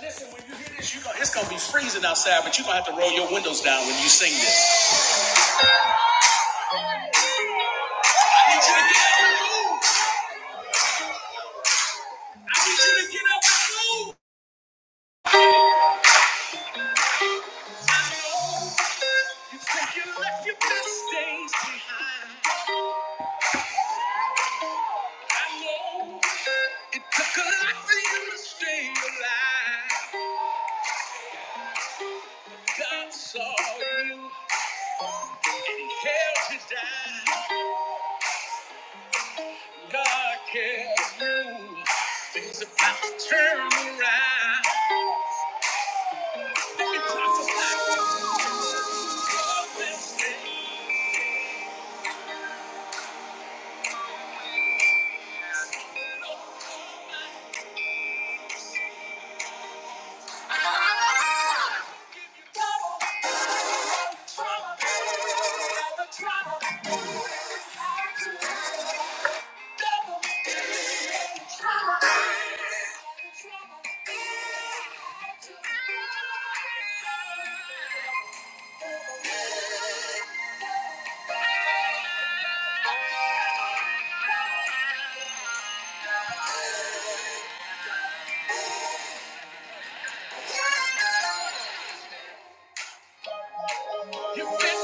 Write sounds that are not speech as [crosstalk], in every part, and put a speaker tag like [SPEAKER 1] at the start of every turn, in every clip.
[SPEAKER 1] Listen, when you hear this, you going it's gonna be freezing outside, but you're gonna have to roll your windows down when you sing this. I need you to get up and move. I need you to get up and move. You think you left your best days behind. I know it took a lot for you to stay alive. God saw you and held you down. God cares you. Things about to turn around. Let me prophesy to you.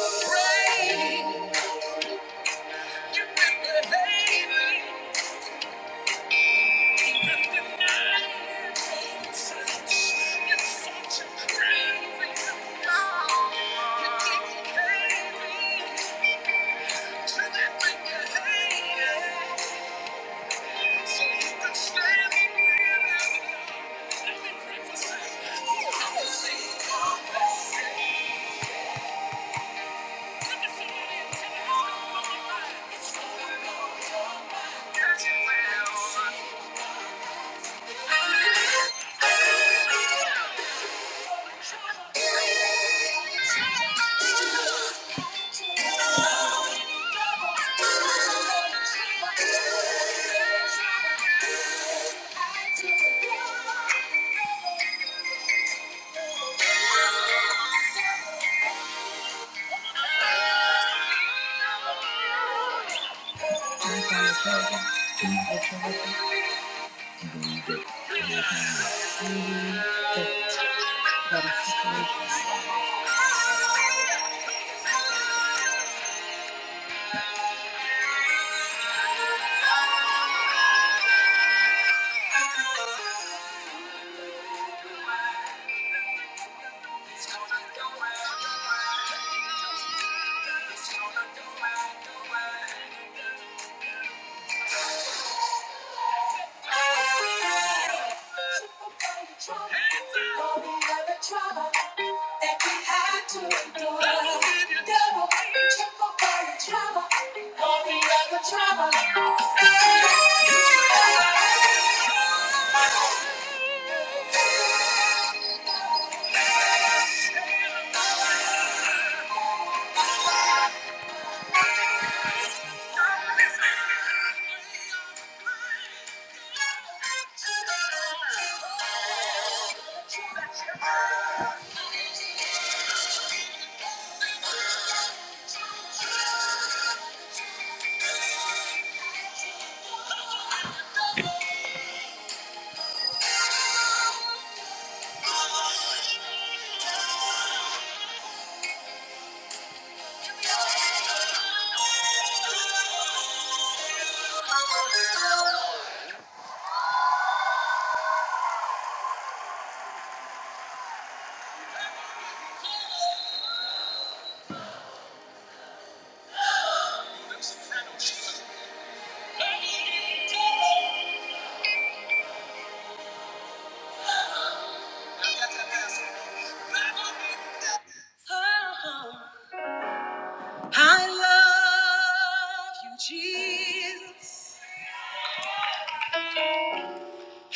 [SPEAKER 1] Break. Thank you. I'm sorry, to again. Try again. Trouble. Thank you. I love you, Jesus.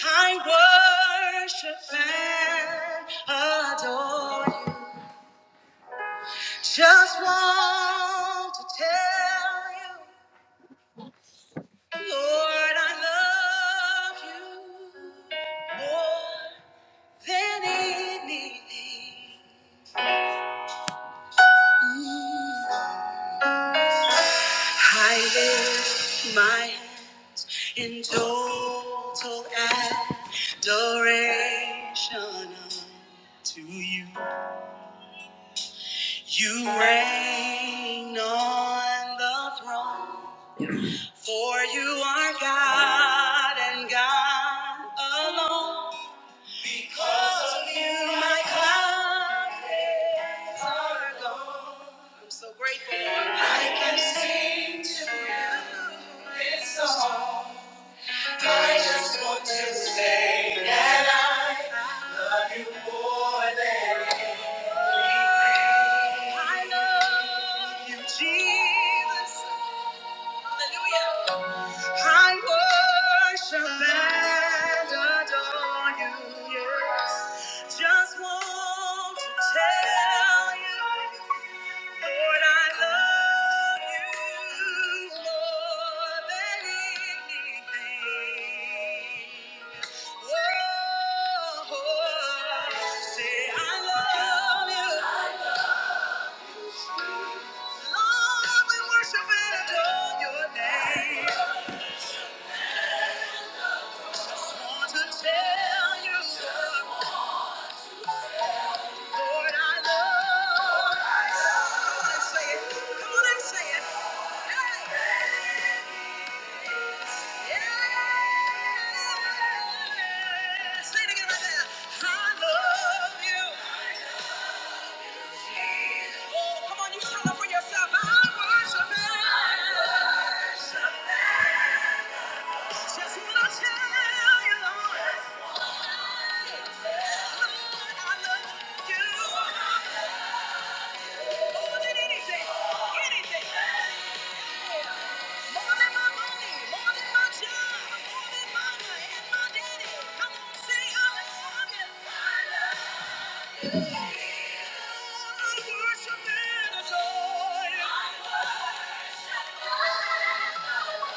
[SPEAKER 1] I worship and adore you. Just want to tell you, Lord, I love you more than anything. I live in total adoration to you. You reign on the throne, for you are God and God alone. My clouds are gone. I'm so grateful. I love you, Jesus. Hallelujah. I worship and adore you, yes. Just want to tell you, Lord, I love you more than anything. Oh, say I love you. Lord, we worship and adore your name. Want to tell you. Lord, I love. Come on and say it. Come on and say it. Hey. Yeah. Say it again right there. I love you. Come on, you tell them for yourself. I worship you. Just wanna tell you, Lord. Lord, I love you. More than anything, anything. Yeah. More than my money, more than my job, more than mama and my daddy. Come on, say I love you. I love you. I worship and adore you.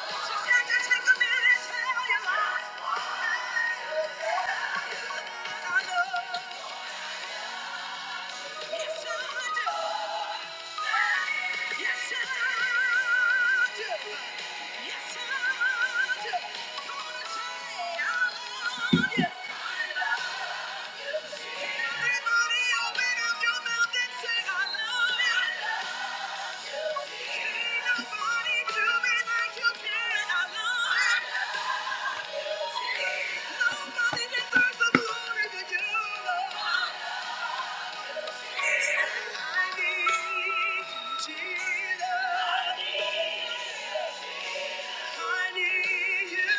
[SPEAKER 1] I just had to take a minute and tell you my I love you. Yes, Yes, I do. Yes, I do. Gonna say I love you. Everybody open your mouth and say, "I love you." can nobody do me like you can. I love you. Nobody deserves the glory but you, Lord. I need you, Jesus. I need you,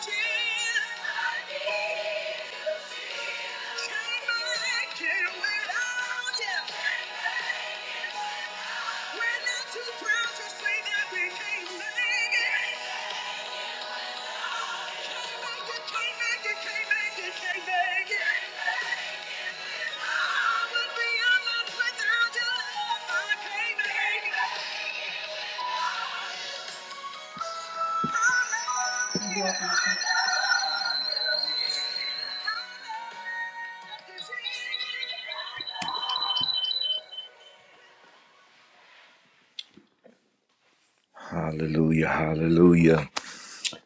[SPEAKER 1] Jesus. I can't make it without you, baby. When I'm too proud to say that we can't make it, come on, come back, you can't make it, can't make it. I would be lost without your love, baby. Hallelujah. Hallelujah.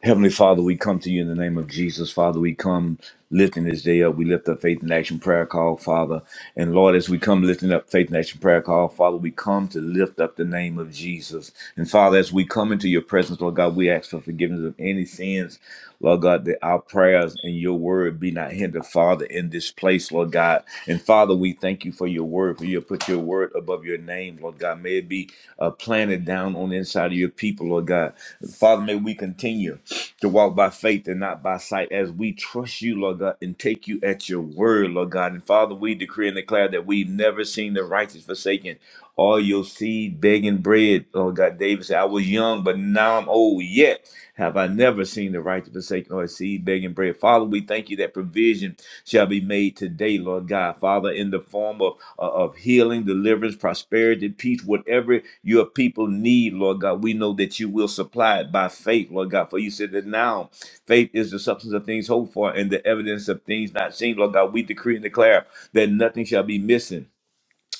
[SPEAKER 1] Heavenly Father, we come to you in the name of Jesus. Father, we come lifting this day up. We lift up Faith and Action Prayer Call, Father. And Lord, as we come lifting up Faith and Action Prayer Call, Father, we come to lift up the name of Jesus. And Father, as we come into your presence, Lord God, we ask for forgiveness of any sins, Lord God, that our prayers and your word be not hindered, Father, in this place, Lord God. And Father, we thank you for your word, for you have put your word above your name, Lord God. May it be uh, planted down on the inside of your people, Lord God. Father, may we continue to walk by faith and not by sight as we trust you, Lord God, and take you at your word, Lord God. And Father, we decree and declare that we've never seen the righteous forsaken or your seed begging bread, Lord God. David said, I was young, but now I'm old. Yet have I never seen the righteous forsaken or his seed begging bread. Father, we thank you that provision shall be made today, Lord God. Father, in the form of uh, of healing, deliverance, prosperity, peace, whatever your people need, Lord God. We know that you will supply it by faith, Lord God. For you said that now faith is the substance of things hoped for and the evidence of things not seen, Lord God. We decree and declare that nothing shall be missing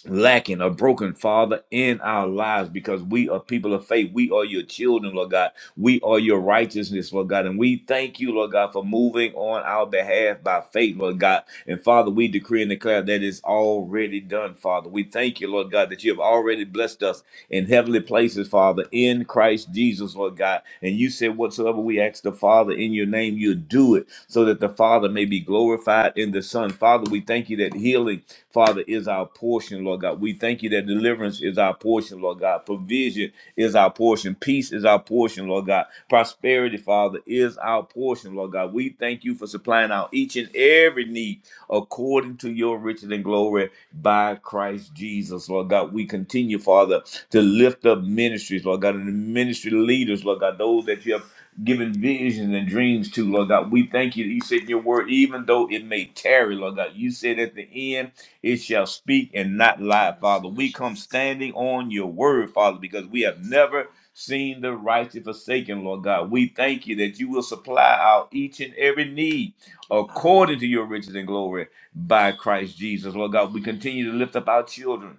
[SPEAKER 1] lacking a broken, Father, in our lives because we are people of faith. We are your children, Lord God. We are your righteousness, Lord God. And we thank you, Lord God, for moving on our behalf by faith, Lord God. And Father, we decree and declare that it's already done, Father. We thank you, Lord God, that you have already blessed us in heavenly places, Father, in Christ Jesus, Lord God. And you said, whatsoever we ask the Father in your name, you'll do it so that the Father may be glorified in the Son. Father, we thank you that healing Father, is our portion, Lord God. We thank you that deliverance is our portion, Lord God. Provision is our portion. Peace is our portion, Lord God. Prosperity, Father, is our portion, Lord God. We thank you for supplying our each and every need according to your riches and glory by Christ Jesus, Lord God. We continue, Father, to lift up ministries, Lord God, and the ministry leaders, Lord God, those that you have given visions and dreams to, Lord God. We thank you. that You said in your word, even though it may tarry, Lord God, you said at the end. It shall speak and not lie, Father. We come standing on your word, Father, because we have never seen the righteous forsaken, Lord God. We thank you that you will supply our each and every need according to your riches and glory by Christ Jesus. Lord God, we continue to lift up our children.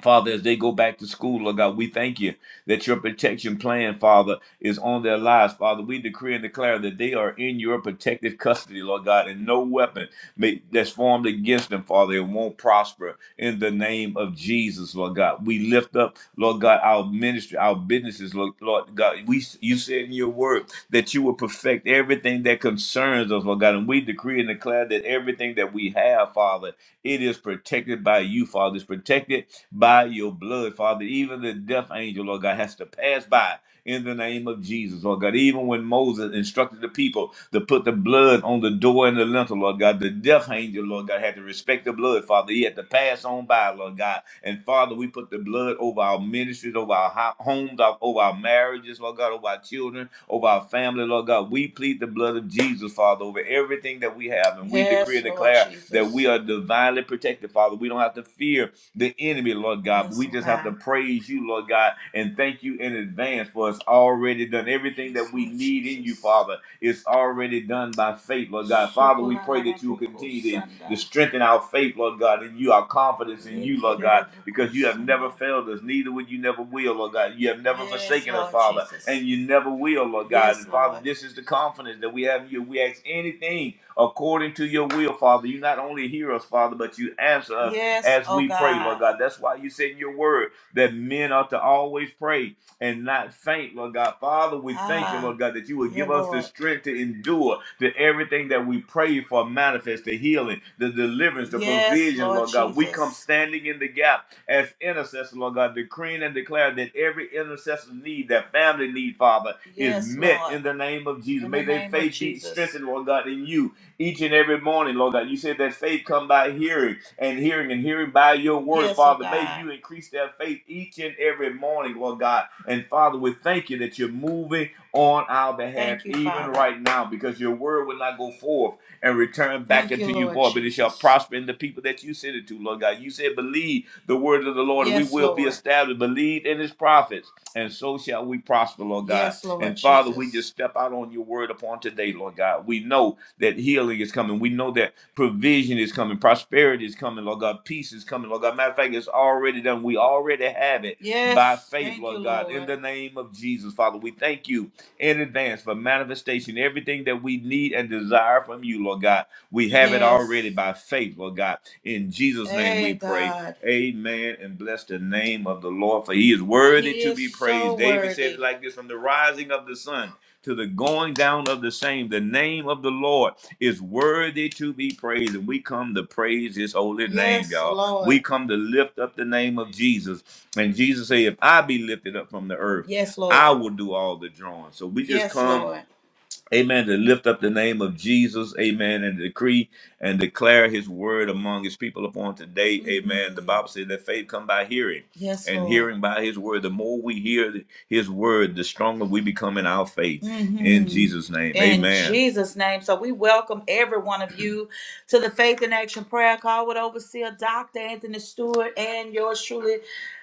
[SPEAKER 1] Father, as they go back to school, Lord God, we thank you that your protection plan, Father, is on their lives. Father, we decree and declare that they are in your protective custody, Lord God, and no weapon may, that's formed against them, Father, it won't prosper in the name of Jesus, Lord God. We lift up, Lord God, our ministry, our businesses, Lord, Lord God. We, you said in your word that you will perfect everything that concerns us, Lord God, and we decree and declare that everything that we have, Father, it is protected by you, Father. It's protected by your blood, Father. Even the death angel, Lord God, has to pass by in the name of Jesus, Lord God. Even when Moses instructed the people to put the blood on the door and the lintel, Lord God, the death angel, Lord God, had to respect the blood, Father. He had to pass on by, Lord God. And Father, we put the blood over our ministries, over our ho- homes, our- over our marriages, Lord God, over our children, over our family, Lord God. We plead the blood of Jesus, Father, over everything that we have. And we decree Yes, and Lord declare that Jesus. we are divinely protected, Father. We don't have to fear the enemy, Lord God. But Yes, we oh just have to God. praise you, Lord God, and thank you in advance for it's already done. Everything Yes, that we need in you, Jesus. Father, is already done by faith, Lord God. Father, we pray that you Sokolaraboko continue to, to Sanda. strengthen our faith, Lord God, and you, our confidence in you, Lord God, because you have never Sanda. failed us, neither will you never will, Lord God. You have never Yes, forsaken us, Lord Father, Jesus. and you never will, Lord God. Yes, And Father, Lord. this is the confidence that we have in you. We ask anything according to your will, Father. You not only hear us, Father, but you answer us Yes, as oh we pray, God. Lord God. God. That's why you said in your word that men ought to always pray and not faint, Lord God. Father, we thank you, Ah, Lord God, that you would yeah, give us the Lord. strength to endure to everything that we pray for manifest the healing, the deliverance, the Yes, provision, Lord Lord God. We come Jesus. standing in the gap as intercessors, Lord God, decreeing and declaring that every intercessor need, that family need, Father, is Yes, met Lord. in the name of Jesus. In the May their name of faith be Jesus. strengthened, Lord God, in you each and every morning, Lord God. You said that faith come by hearing and hearing and hearing by your word, Yes, oh Father. May God. you increase their faith each and every morning, Lord God. And Father, we thank you that you're moving on our behalf Thank you, even Father. right now because your word will not go forth and return back Thank you, unto you Lord void, but it shall Jesus. prosper in the people that you send it to, Lord God. You said, believe the word of the Lord and we Yes, will be Lord. established. Believe in his prophets and so shall we prosper, Lord God. Yes, Lord And Father, we Jesus. just step out on your word upon today, Lord God. We know that healing is coming. We know that provision is coming, prosperity is coming, Lord God, peace is coming, Lord God. Matter of fact, it's already done. We already have it by Yes. faith, Thank you, Lord God. In Lord. the name of Jesus, Father, we thank you in advance for manifestation. Everything that we need and desire from you, Lord God, we have it already Yes. by faith, Lord God. In Jesus' name we Hey, pray. God. Amen. And bless the name of the Lord, for he is worthy He to is be so praised. David said it worthy. like this from the rising of the sun to the going down of the same. The name of the Lord is worthy to be praised. And we come to praise his holy name, Yes, y'all. Lord. We come to lift up the name of Jesus. And Jesus said, If I be lifted up from the earth, Yes, I Lord. will do all the drawing. So we just Yes, come Lord. Amen. To lift up the name of Jesus. Amen. And decree and declare his word among his people upon today. Amen. The Mm. Bible says that faith come by hearing Yes, and Lord. hearing by his word. The more we hear his word, the stronger we become in our faith. In hmm Jesus' name. In Amen. Jesus' name. So we welcome every one of you to the Faith in Action Prayer Call with Overseer Dr. Anthony Stewart and yours truly,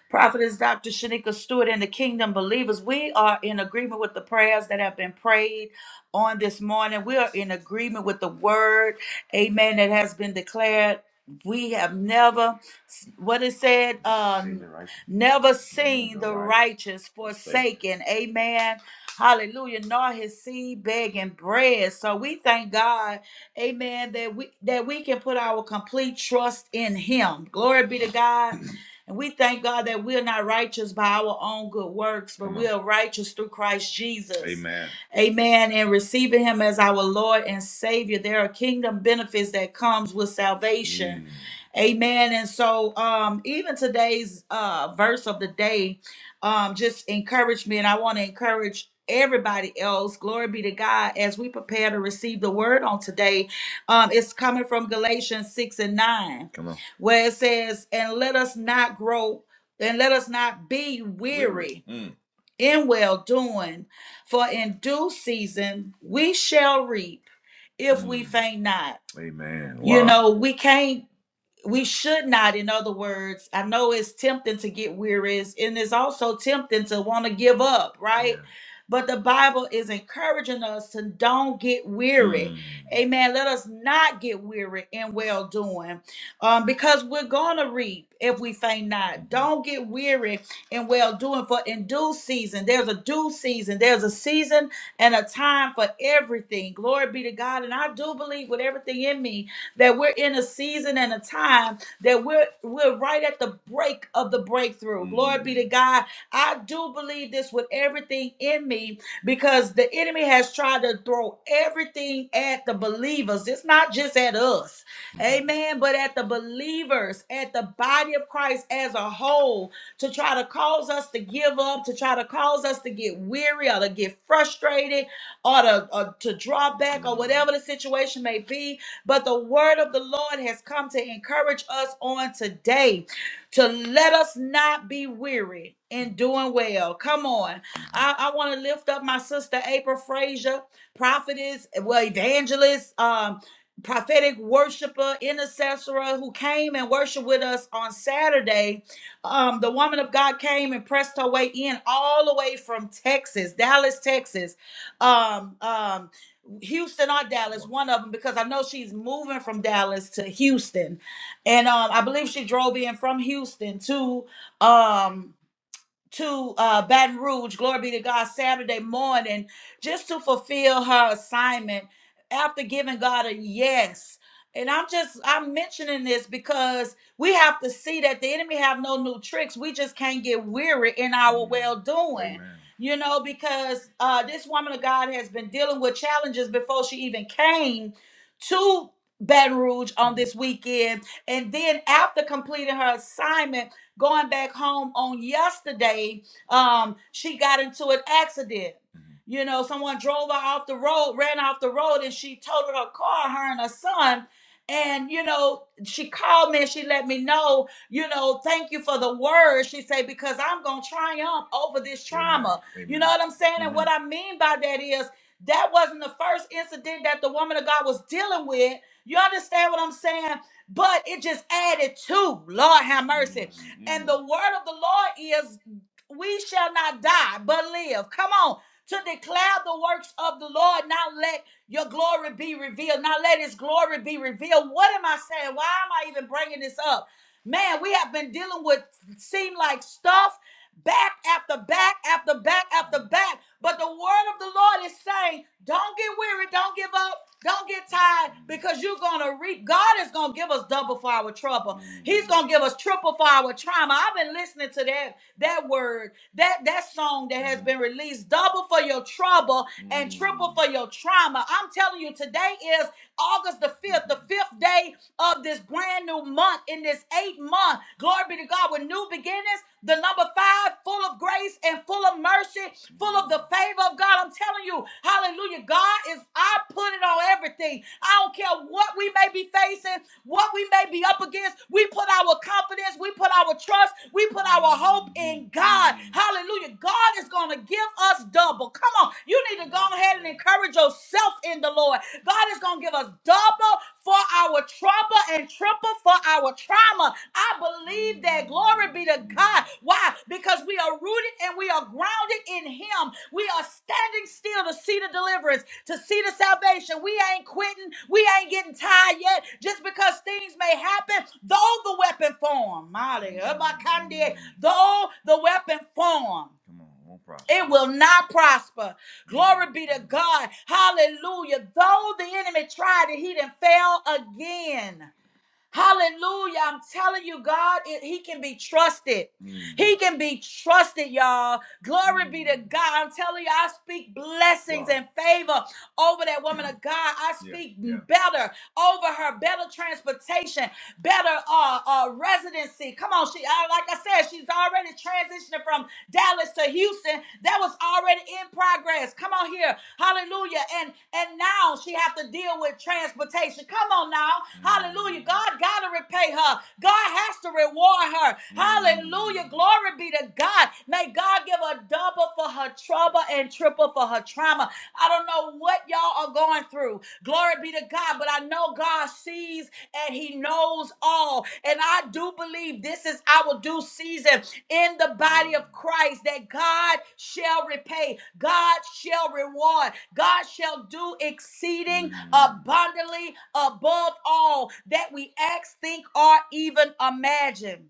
[SPEAKER 1] Prophetess Dr. Shanika Stewart and the Kingdom Believers. We are in agreement with the prayers that have been prayed on this morning. We are in agreement with the word, amen, that has been declared. We have never, what it said, um, Seen the righteous. never seen the righteous forsaken. Amen. Hallelujah. Nor his seed begging bread. So we thank God, amen, that we that we can put our complete trust in him. Glory be to God. [clears throat] And we thank God that we are not righteous by our own good works, but Come on. we are righteous through Christ Jesus. Amen. Amen. And receiving him as our Lord and Savior. There are kingdom benefits that comes with salvation. Mm. Amen. And so um even today's uh verse of the day um just encouraged me and I want to encourage everybody else glory be to god as we prepare to receive the word on today um it's coming from galatians 6 and 9 Come on. where it says and let us not grow and let us not be Weary. weary Mm. in well doing for in due season we shall reap if we Mm. faint not. Amen. Wow. You Wow. know, we can't we should not in other words i know it's tempting to get weary it's- and it's also tempting to want to give up right Yeah. but the bible is encouraging us to don't get weary Mm. amen let us not get weary in well doing um, because we're gonna reap if we faint not Mhm. don't get weary in well doing for in due season there's a due season there's a season and a time for everything glory be to god and i do believe with everything in me that we're in a season and a time that we're we're right at the break of the breakthrough. Glory be to God. I do believe this with everything in me because the enemy has tried to throw everything at the believers. It's not just at us. Amen, but at the believers, at the body of Christ as a whole to try to cause us to give up, to try to cause us to get weary or to get frustrated or to, or to draw back or whatever the situation may be. But the word of the Lord has come to encourage us on today to let us not be weary in doing well. Come on. I, I want to lift up my sister April Frazier, prophetess, well, evangelist, um, prophetic worshiper, intercessor who came and worshiped with us on Saturday. Um, the woman of God came and pressed her way in all the way from Texas, Dallas, Texas um, um, Houston or Dallas, one of them, because I know she's moving from Dallas to Houston, and um, I believe she drove in from Houston to um to uh, Baton Rouge, glory be to God, Saturday morning, just to fulfill her assignment after giving God a yes. And I'm just I'm mentioning this because we have to see that the enemy have no new tricks. We just can't get weary in our well doing. You know, because uh, this woman of God has been dealing with challenges before she even came to Baton Rouge on this weekend. And then after completing her assignment, Going back home on yesterday, um, she got into an accident. Mhm. You know, someone drove her off the road, ran off the road, and she totaled her car, her and her son. And you know, she called me and she let me know, you know, thank you for the word. She said, because I'm gonna triumph over this trauma. Amen. You know what I'm saying? And what Mhm. I mean by that is that wasn't the first incident that the woman of God was dealing with. You understand what I'm saying? but it just added to. Lord have mercy. And Mm-hmm. And the word of the Lord is, we shall not die, but live. Come on. To declare the works of the Lord, Now let your glory be revealed, Now let his glory be revealed. What am I saying? Why am I even bringing this up? Man, we have been dealing with seem like stuff back after back after back after back. But the word of the Lord is saying, don't get weary, don't give up, don't get tired, because you're gonna reap. God is gonna give us double for our trouble. He's gonna give us triple for our trauma. I've been listening to that that word, that that song that has been released, double for your trouble and triple for your trauma. I'm telling you, today is August the 5th, the fifth day of this brand new month, in this eighth month. Glory be to God with new beginnings. The number five, full of grace and full of mercy, full of the favor of God. I'm telling you, hallelujah. God is, I put it on everything. I don't care what we may be facing, what we may be up against. We put our confidence, we put our trust, we put put our hope in God. Hallelujah. God is going to give us double. Come on. You need to go ahead and encourage yourself in the Lord. God is going to give us double for our trouble and triple for our trauma. I believe that. Glory be to God. Why? Because we are rooted and we are grounded in Him. We are standing still to see the deliverance to see the salvation. We ain't quitting. We ain't getting tired yet just because things may happen. Though the weapon form, Molly, Abakande, though the weapon form. Come on, won't prosper. It will not prosper. Glory be to God. Hallelujah. Though the enemy tried it, he didn't fail again. Hallelujah. I'm telling you, God, it- He can be trusted. Mm. He can be trusted, y'all. Glory be to Mm. God. I'm telling you, I speak blessings Wow. and favor over that woman of God. I Yeah, speak yeah. better over her, better transportation, better uh, uh residency. Come on, she I, like I said, she's already transitioning from Dallas to Houston. That was already in progress. Come on here. Hallelujah. And and now she have to deal with transportation. Come on now. Hallelujah. God gotta repay her. God has to reward her. Hallelujah. Glory be to God. May God give a double for her trouble and triple for her trauma. I don't know what y'all are going through. Glory be to God. But I know God sees and He knows all. And I do believe this is our due season in the body of Christ that God shall repay, God shall reward, God shall do exceeding abundantly above all that we ask, think, or even imagine.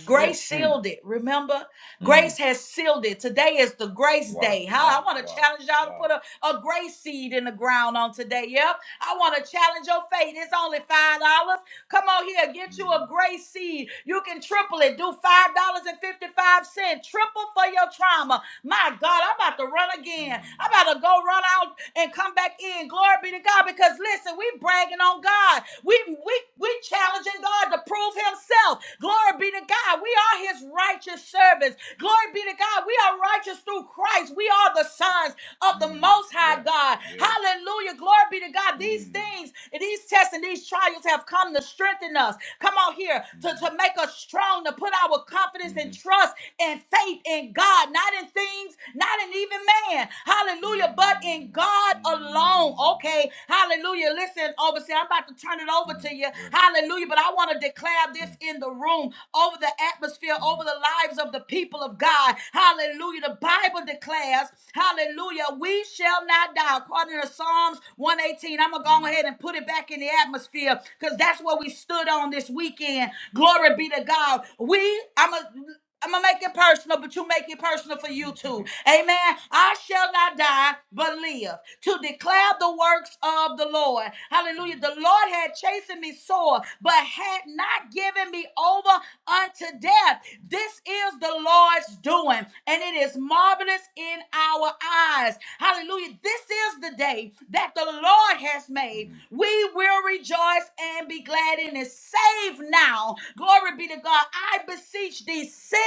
[SPEAKER 1] Yes, Lord. Grace Lord. Mm, sealed it. Remember, mm. grace has sealed it. Today is the grace Wow, day. Huh? I wow, want to wow, challenge y'all to wow. put a, a grace seed in the ground on today. Yep. I want to challenge your faith. It's only five dollars. Come on here, get you Mm. a Mm. grace seed. You can triple it. Do five dollars and fifty-five cent. Triple for your trauma. My God, I'm about to run again. Mm. I'm about to go run out and come back in. Glory be to God. Because listen, we bragging on God. We we we challenging God to prove Himself. Glory be to God. We are His righteous servants. Glory be to God. We are righteous through Christ. We are the sons of the Mm, Most High yes, God. yes. Hallelujah. Glory be to God. These Mm, things, these tests and these trials have come to strengthen us. Come on, here to, mm, to make us strong, to put our confidence mm. and mm, trust and faith in God, not in things, not in even man. Hallelujah, but in God alone. Okay, hallelujah. Listen, overseer, I'm about to turn it over to you. Hallelujah, but I want to declare this in the room, over the atmosphere, over the lives of the people of God. Hallelujah. The Bible declares, hallelujah, we shall not die. According to Psalms 118, I'm going to go ahead and put it back in the atmosphere because that's what we stood on this weekend. Glory be to God. We, I'm a. I'm gonna make it personal, but you make it personal for you too. Amen. I shall not die, but live to declare the works of the Lord. Hallelujah. The Lord had chastened me sore, but had not given me over unto death. This is the Lord's doing, and it is marvelous in our eyes. Hallelujah. This is the day that the Lord has made. We will rejoice and be glad in it. Save now. Glory be to God. I beseech thee, sin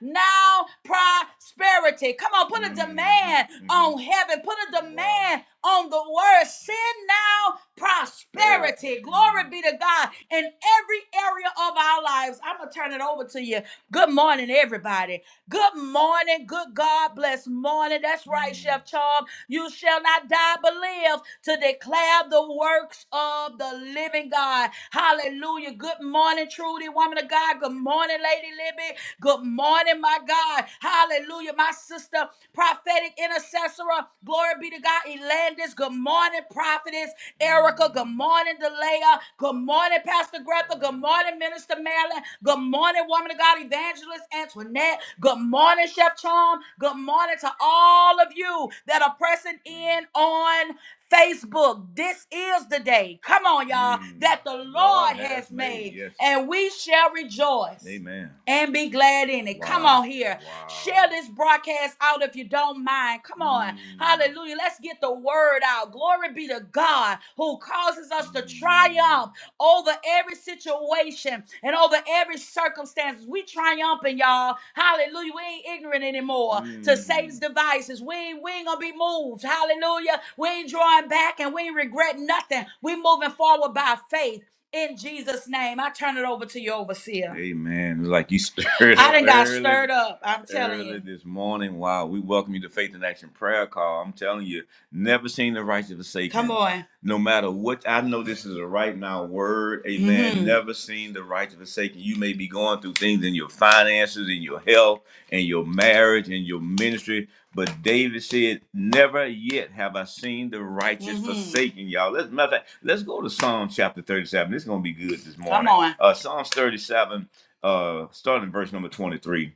[SPEAKER 1] now prosperity. Come on, put a demand on heaven. Put a demand on the word. Sin now prosperity. Glory be to God in every area of our lives. I'm going to turn it over to you. Good morning, everybody. Good morning. Good God bless morning. That's right, Chef Charles. You shall not die but live to declare the works of the living God. Hallelujah. Good morning, Trudy, woman of God. Good morning, Lady Libby. Good morning, my God. Hallelujah, my sister, prophetic intercessor. Glory be to God. Elandis. Good morning, prophetess Erica. Good morning, Delaya. Good morning, Pastor Greta. Good morning, Minister Marilyn. Good morning, woman of God, evangelist Antoinette. Good morning, Chef Charm. Good morning to all of you that are pressing in on Facebook. This is the day, come on, y'all, Mm, that the Lord Lord has has made. made, Yes. and we shall rejoice Amen. and be glad in it. Come Wow. on here. Wow. Share Wow. this broadcast out if you don't mind. Come on. Mm, Hallelujah. Let's get the word out. Glory be to God who causes us to mm, triumph over every situation and over every circumstance. We triumphant, y'all. Hallelujah. We ain't ignorant anymore to Satan's Mm. devices. We ain't, we ain't gonna be moved. Hallelujah. We ain't drawing back and we ain't regret nothing. We moving forward by faith in Jesus' name. I turn it over to you, overseer. Amen. Like you [laughs] stirred I up didn't got early stirred up. I'm telling early you. this morning. Wow, we welcome you to Faith in Action Prayer Call. I'm telling you, never seen the righteous Come forsaken, on no matter what I know this is a right now word, amen. hmm Never seen the righteous forsaken. You may be going through things in your finances, in your health, in your marriage, in your ministry. But David said, Never yet have I seen the righteous hmm forsaken, y'all. Let's matter of fact, let's go to Psalm chapter 37. This is gonna be good this morning. Come on. Uh Psalms 37, uh, starting verse number 23.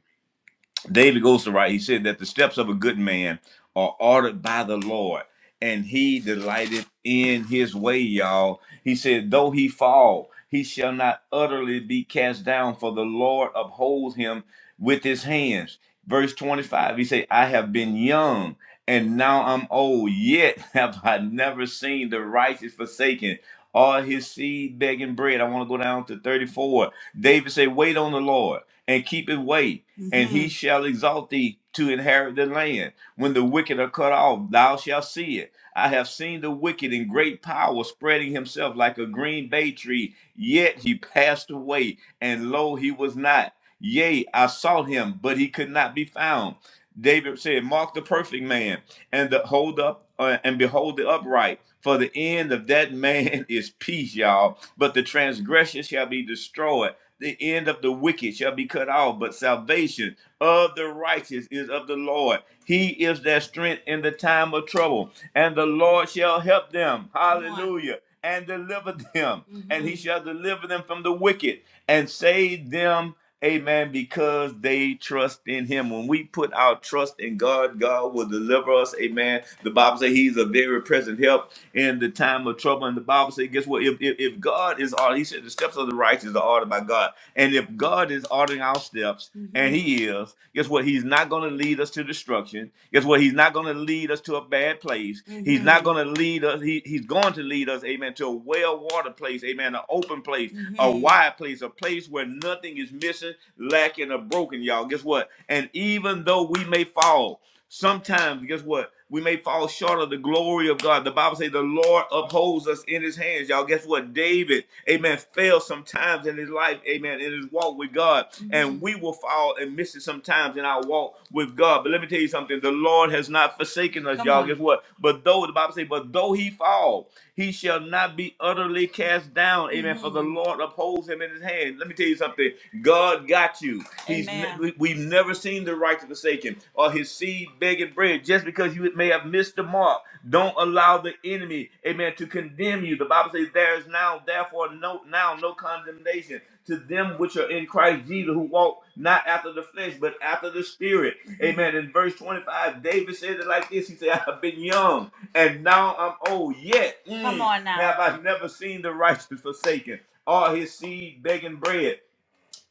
[SPEAKER 1] David goes to write, he said that the steps of a good man are ordered by the Lord, and he delighteth in his way, y'all. He said, though he fall, he shall not utterly be cast down, for the Lord upholds him with his hands. Verse 25, he said, I have been young and now I'm old, yet [laughs] have I never seen the righteous forsaken or his seed begging bread. I want to go down to 34. David said, Wait on the Lord and keep it way and he shall exalt thee to inherit the land. When the wicked are cut off, thou shalt see it. I have seen the wicked in great power spreading himself like a green bay tree, yet he passed away, and lo, he was not. Yea, I sought him, but he could not be found. David said, Mark the perfect man, and the hold up uh, and behold the upright. For the end of that man [laughs] is peace, y'all. But the transgressor shall be destroyed. The end of the wicked shall be cut off, but salvation of the righteous is of the Lord. He is their strength in the time of trouble, and the Lord shall help them. Come on. Hallelujah and deliver them, Mm-hmm. and he shall deliver them from the wicked and save them, amen, because they trust in him. When we put our trust in God, God will deliver us, amen. The Bible says he's a very present help in the time of trouble. And the Bible says, guess what? If, if, if God is ordered, he said, the steps of the righteous are ordered by God. And if God is ordering our steps, mm-hmm. and he is, guess what? He's not going to lead us to destruction. Guess what? He's not going to lead us to a bad place. Mm-hmm. He's not going to lead us. He, he's going to lead lead us, amen, to a well-watered place, amen, an open place, mm-hmm. a Mhm. wide place, a place where nothing is missing, lacking, or broken, y'all. Guess what? And even though we may fall, sometimes, guess what? We may fall short of the glory of God. The Bible says the Lord upholds us in his hands. Y'all, guess what? David, amen, fell sometimes in his life, amen, in his walk with God. Mm-hmm. And Mhm. we will fall and miss it sometimes in our walk with God. But let me tell you something. The Lord has not forsaken us, Come y'all. on. Guess what? But though, the Bible says, but though he fall, he shall not be utterly cast down. Amen. For the Mm. Lord upholds him in his hand. Let me tell you something. God got you. He's ne- Amen. we- we've never seen the righteous forsaken or his seed begging bread. Just because you may have missed the mark, don't allow the enemy, amen, to condemn you. The Bible says there is now, therefore, no now no condemnation to them which are in Christ Jesus who walk not after the flesh, but after the spirit. Mhm. Amen. In verse 25, David said it like this. He said, I've been young and now I'm old. Yet mm, Come mm, on now. have I never seen the righteous forsaken, or his seed begging bread.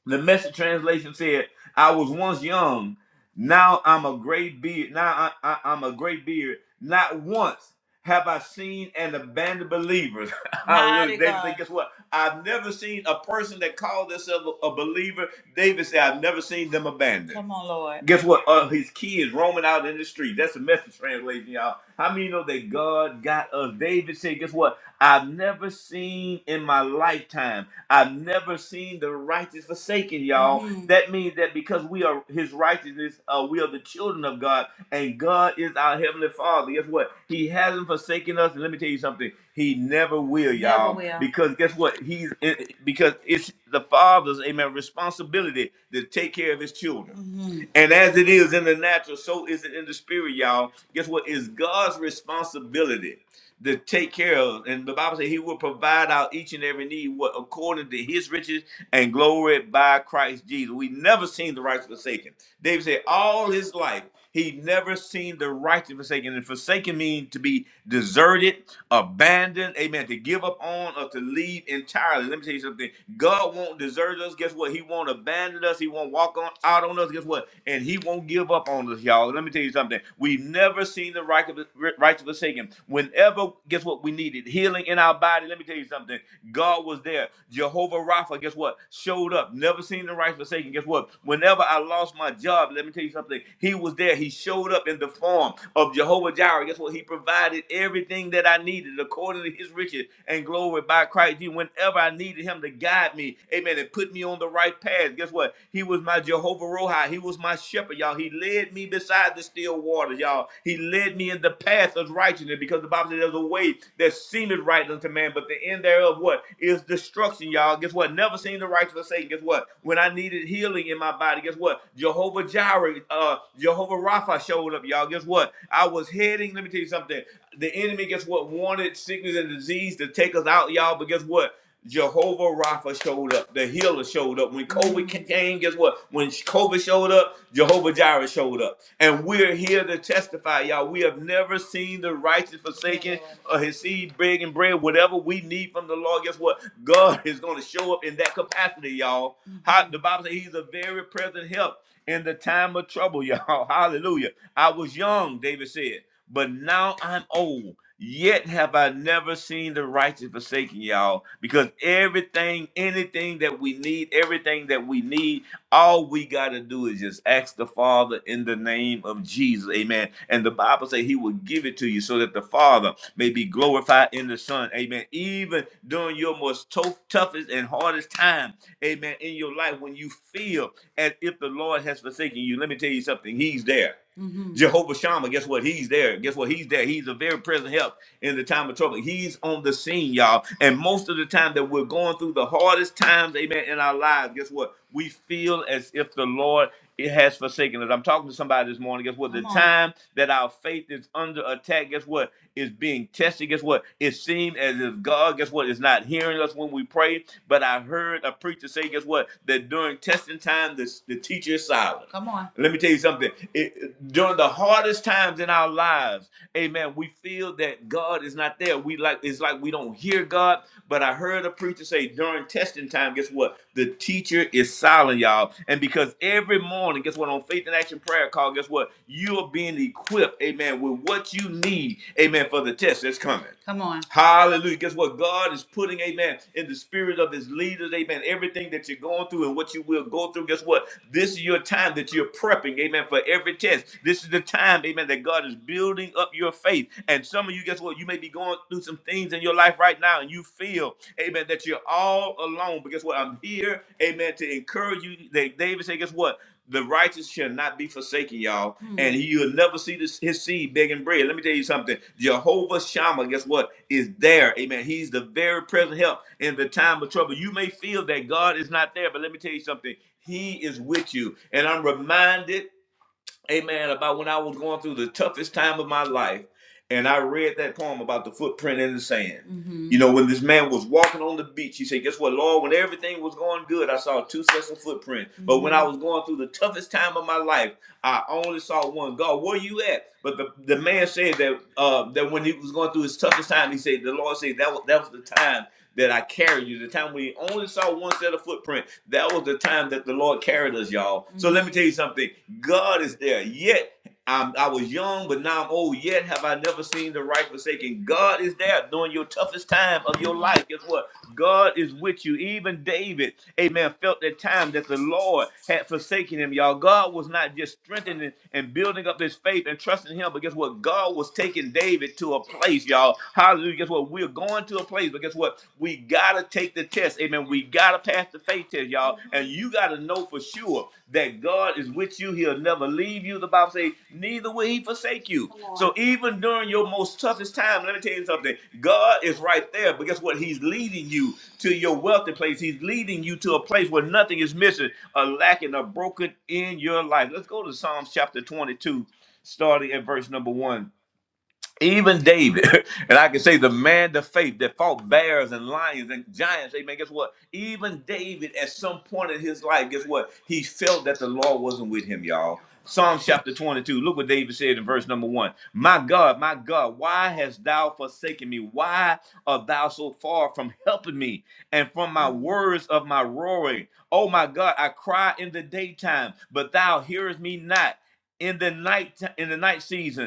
[SPEAKER 1] The message translation said, "I was once young, now I'm a gray beard. Now I, I, am a gray beard. Not once have I seen an abandoned believer." [laughs] Hallelujah. Mighty David said, God. "Guess what? I've never seen a person that called themselves a, a believer." David said, "I've never seen them abandoned." Come on, Lord. Guess what? Uh, his kids roaming out in the street. That's the message translation, y'all. How many know that God got us? David said, "Guess what? I've never seen in my lifetime." I've never seen the righteous forsaken, y'all. Mm. That means that because we are his righteousness, uh, we are the children of God, and God is our heavenly Father. Guess what? He hasn't forsaken us. And let me tell you something. He never will, y'all. Never will. Because guess what? He's it, because it's the Father's amen responsibility to take care of his children. hmm And as it is in the natural, so is it in the spirit, y'all. Guess what? It's God's responsibility to take care of. And the Bible says he will provide out each and every need what according to his riches and glory by Christ Jesus. We never seen the righteous forsaken. David said, all his life, he never seen the righteous forsaken. And forsaken means to be deserted, abandoned, amen, to give up on or to leave entirely. Let me tell you something. God won't desert us. Guess what? He won't abandon us. He won't walk on out on us. Guess what? And he won't give up on us, y'all. Let me tell you something. We've never seen the righteous, righteous forsaken. Whenever, guess what? We needed healing in our body somebody, let me tell you something. God was there. Jehovah Rapha, guess what? Showed up. Never seen the right forsaken. Guess what? Whenever I lost my job, let me tell you something. He was there. He showed up in the form of Jehovah Jireh. Guess what? He provided everything that I needed according to his riches and glory by Christ Jesus. Whenever I needed him to guide me, amen, and put me on the right path, guess what? He was my Jehovah Rohi. He was my shepherd, y'all. He led me beside the still waters, y'all. He led me in the path of righteousness because the Bible says there's a way that seemeth right unto man, but the end thereof what is destruction, y'all. Guess what? Never seen the righteous forsaken. Guess what? When I needed healing in my body, guess what? Jehovah Jireh, uh, Jehovah Rapha showed up, y'all. Guess what? I was heading. Let me tell you something. The enemy, guess what? Wanted sickness and disease to take us out, y'all. But guess what? Jehovah Rapha showed up. The healer showed up. When COVID came, guess what? When COVID showed up, Jehovah Jireh showed up. And we're here to testify, y'all. We have never seen the righteous forsaken or his seed begging bread. Whatever we need from the Lord, guess what? God is going to show up in that capacity, y'all. How, the Bible says he's a very present help in the time of trouble, y'all. [laughs] Hallelujah. I was young, David said, but now I'm old. Yet have I never seen the righteous forsaken, y'all, because everything, anything that we need, everything that we need, all we got to do is just ask the Father in the name of Jesus. Amen. And the Bible says he will give it to you so that the Father may be glorified in the Son. Amen. Even during your most to- toughest and hardest time, amen, in your life, when you feel as if the Lord has forsaken you, let me tell you something, he's there. Mm-hmm. Jehovah Shammah, guess what? He's there. Guess what? He's there. He's a very present help in the time of trouble. He's on the scene, y'all. And most of the time that we're going through the hardest times, amen, in our lives, guess what? We feel as if the Lord it has forsaken us. I'm talking to somebody this morning. Guess what? The Come on. time that our faith is under attack, guess what? is being tested. Guess what? It seemed as if God, guess what, is not hearing us when we pray. But I heard a preacher say, guess what, that during testing time, the, the teacher is silent. Come on. Let me tell you something. It, during the hardest times in our lives, Amen. We feel that God is not there. We like it's like we don't hear God. But I heard a preacher say during testing time, guess what? The teacher is silent, y'all. And because every morning, guess what? On Faith and Action Prayer Call, guess what? You are being equipped, amen, with what you need, amen, for the test that's coming. Come on. Hallelujah. Guess what? God is putting, amen, in the spirit of his leaders, amen, everything that you're going through and what you will go through. Guess what? This is your time that you're prepping, amen, for every test. This is the time time, amen, that God is building up your faith. And some of you, guess what? You may be going through some things in your life right now, and you feel, amen, that you're all alone. But guess what? I'm here, amen, to encourage you. That David said, guess what? The righteous shall not be forsaken, y'all, Hmm. and you will never see this, his seed begging bread. Let me tell you something. Jehovah Shammah, guess what? Is there, amen. He's the very present help in the time of trouble. You may feel that God is not there, but let me tell you something. He is with you. And I'm reminded amen, about when I was going through the toughest time of my life. And I read that poem about the footprint in the sand. Mhm. You know, when this man was walking on the beach, he said, Guess what, Lord? When everything was going good, I saw two sets of footprints. Mm-hmm. But when I Mhm. was going through the toughest time of my life, I only saw one. God, where you at? But the, the man said that uh, that when he was going through his toughest time, he said, The Lord said that was, that was the time that I carried you, the time we only saw one set of footprint, that was the time that the Lord carried us, y'all. Mm-hmm. So let me tell you something. God is there. Yet I'm, I was young, but now I'm old. Yet have I never seen the right forsaken. God is there during your toughest time of your life. Guess what? God is with you. Even David, amen, felt that time that the Lord had forsaken him, y'all. God was not just strengthening and building up his faith and trusting him, but guess what? God was taking David to a place, y'all. Hallelujah. Guess what? We're going going to a place, but guess what? We gotta take the test. Amen. We gotta pass the faith test, y'all. And you gotta know for sure that God is with you. He'll never leave you. The Bible says, neither will he forsake you. So even during your most toughest time, let me tell you something. God is right there. But guess what? He's leading you to your wealthy place. He's leading you to a place where nothing is missing, or lacking, or broken in your life. Let's go to Psalms chapter 22, starting at verse number one. Even David, [laughs] and I can say the man of faith that fought bears and lions and giants, amen. Guess what? Even David, at some point in his life, guess what? He felt that the Lord wasn't with him, y'all. Psalms chapter 22, look what David said in verse number one My God, my God, why hast thou forsaken me? Why art thou so far from helping me and from my words of my roaring? Oh my God, I cry in the daytime, but thou hearest me not in the night in the night season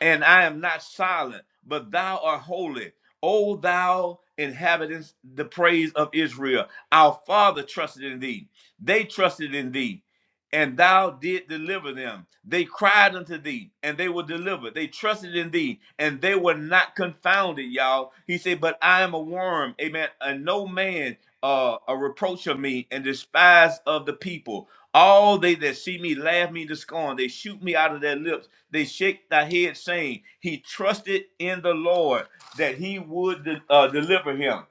[SPEAKER 1] and I am not silent, but thou art holy. O thou inhabitants, the praise of Israel, our father trusted in thee. They trusted in thee, and thou did deliver them. They cried unto thee, and they were delivered. They trusted in thee, and they were not confounded, y'all. He said, But I am a worm, amen, and no man uh, a reproach of me and despise of the people. All they that see me laugh me to scorn. They shoot me out of their lips they shake thy head, saying, He trusted in the Lord that he would de- uh, deliver him.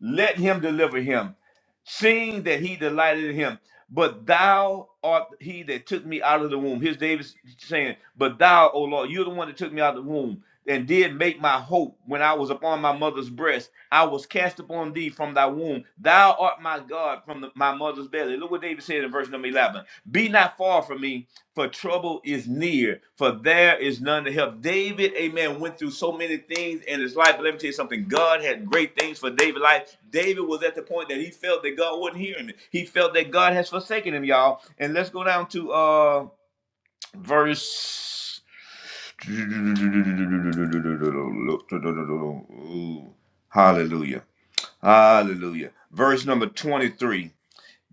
[SPEAKER 1] Let him deliver him, seeing that he delighted in him. But thou art he that took me out of the womb. Here's David saying, But thou, O Lord, you're the one that took me out of the womb and did make my hope when I was upon my mother's breast. I was cast upon thee from thy womb. Thou art my God from the, my mother's belly. Look what David said in verse number 11. Be not far from me for trouble is near, for there is none to help. David, amen, went through so many things in his life. But let me tell you something God had great things for David's life. David was at the point that he felt that God wasn't hearing him. He felt that God has forsaken him, y'all. And let's go down to uh verse. Ooh, hallelujah. Hallelujah. Verse number 23.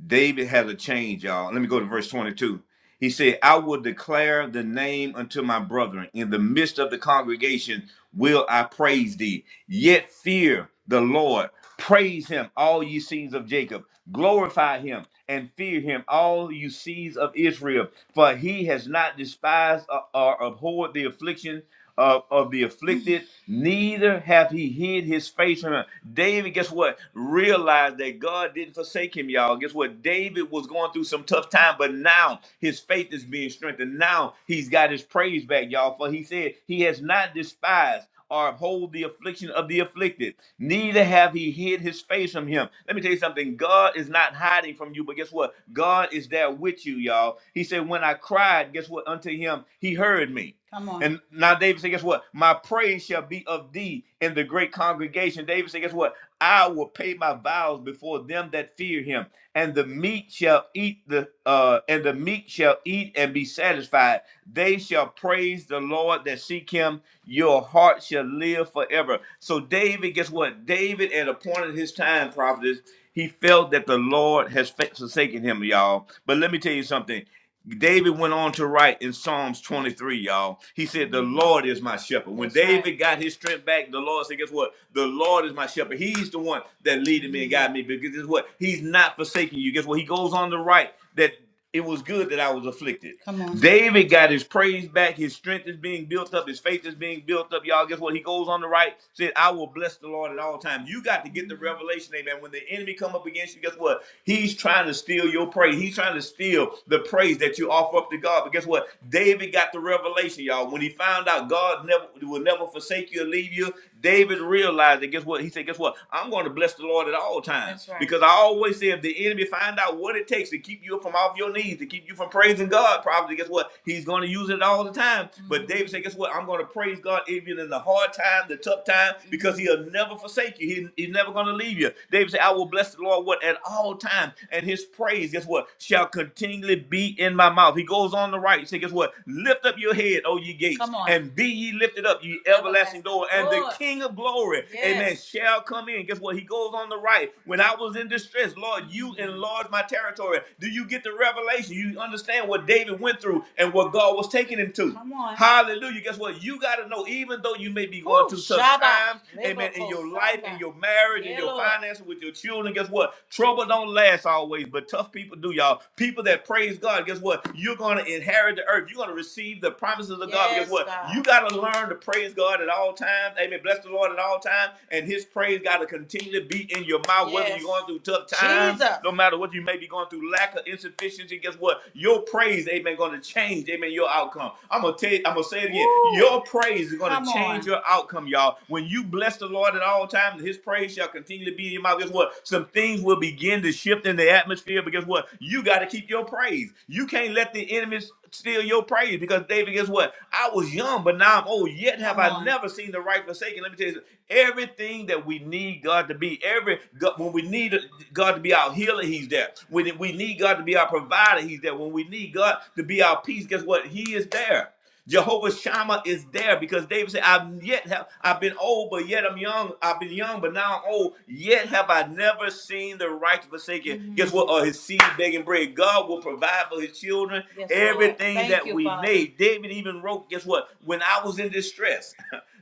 [SPEAKER 1] David has a change, y'all. Let me go to verse 22. He said, I will declare the name unto my brethren. In the midst of the congregation will I praise thee. Yet fear the Lord. Praise him, all ye scenes of Jacob. Glorify him, and fear him, all you seeds of Israel, for he has not despised or or abhorred the affliction of, of the afflicted, neither hath he hid his face from him. David, guess what? Realized that God didn't forsake him, y'all. Guess what? David was going through some tough time, but now his faith is being strengthened. Now he's got his praise back, y'all. For he said he has not despised or hold the affliction of the afflicted. Neither have he hid his face from him. Let me tell you something. God is not hiding from you, but guess what? God is there with you, y'all. He said, When I cried, guess what? Unto him, he heard me. Come on. And now David said, Guess what? My praise shall be of thee in the great congregation. David said, Guess what? I will pay my vows before them that fear him, and the meek shall eat the uh and the meek shall eat and be satisfied. They shall praise the Lord that seek him your heart shall live forever. So David, guess what? David, at a point in his time, prophetess, he felt that the Lord has fa- forsaken him, y'all. But let me tell you something. David went on to write in Psalms 23, y'all. He said, The Lord is my shepherd. When That's right. David right. got his strength back, the Lord said, Guess what? The Lord is my shepherd. He's the one that leaded me and guided me. Because guess what? He's not forsaking you. Guess what? He goes on to write that it was good that I was afflicted. Come on. David got his praise back. His strength is being built up. His faith is being built up. Y'all, guess what? He goes on to write, said, I will bless the Lord at all times. You got to get the revelation, amen. When the enemy come up against you, guess what? He's trying to steal steal your praise. He's trying to steal the praise that you offer up to God. But guess what? David got the revelation, y'all. When he found out God never will never forsake you or leave you, David realized that. Guess what? He said, "Guess what? I'm going to bless the Lord at all times." That's right. Because I always say, if the enemy find out what it takes to keep you from off your knees, to keep you from praising God, probably guess what? He's going to use it all the time. But Mhm. David said, "Guess what? I'm going to praise God even in the hard time, the tough time, because He'll never forsake you. He- he's never going to leave you." David said, I said, I will bless the Lord what at all times, and his praise, guess what, shall continually be in my mouth. He goes on the right. He said, guess what? Lift up your head, O ye gates, Come on. and be ye lifted up, ye everlasting Everlasting door, and the door. King of glory, amen, Yes. shall come in. Guess what? He goes on the right. When I was in distress, Lord, you Mm. enlarged my territory. Do you get the revelation? You understand what David went through and what God was taking him to. Come on. Hallelujah. Guess what? You got to know, even though you may be going Woo. through tough Shaba. times, amen, and in your life, in your marriage, in Yeah, your finances, with your children. Guess what? Trouble don't last always, but tough people do, y'all. People that praise God, guess what? You're gonna inherit the earth. You're gonna receive the promises of God. guess Yes, what? You gotta learn to praise God at all times. Amen. Bless the Lord at all times, and His praise gotta continue to be in your mouth, whether you're Yes. going through tough times, no matter what you may be going through, lack of insufficiency. Guess what? Your praise, Amen, gonna change, Amen, your outcome. I'm gonna tell, you, I'm gonna say it again. Your praise is gonna will change your outcome, y'all. When you bless the Lord at all times, his praise shall continually be in your mouth. Guess what? Some things will begin to shift in the atmosphere, but guess what? You got to keep your praise. You can't let the enemies steal your praise because David, guess what? I was young, but now I'm old. Yet have Come I on. never seen the right forsaken. Let me tell you, something. everything that we need God to be, every God, when we need God to be our healer, He's there. When we need God to be our provider, He's there. When we need God to be our peace, guess what? He is there. Jehovah Shammah is there because David said, I've yet have I've been old, but yet I'm young. I've been young, but now I'm old. Yet have I never seen the righteous forsaken. Guess Mm. what? Or his seed begging bread. God will provide for his children Yes, Lord. everything Thank that you, we Father. need. David even wrote, guess what? When I was in distress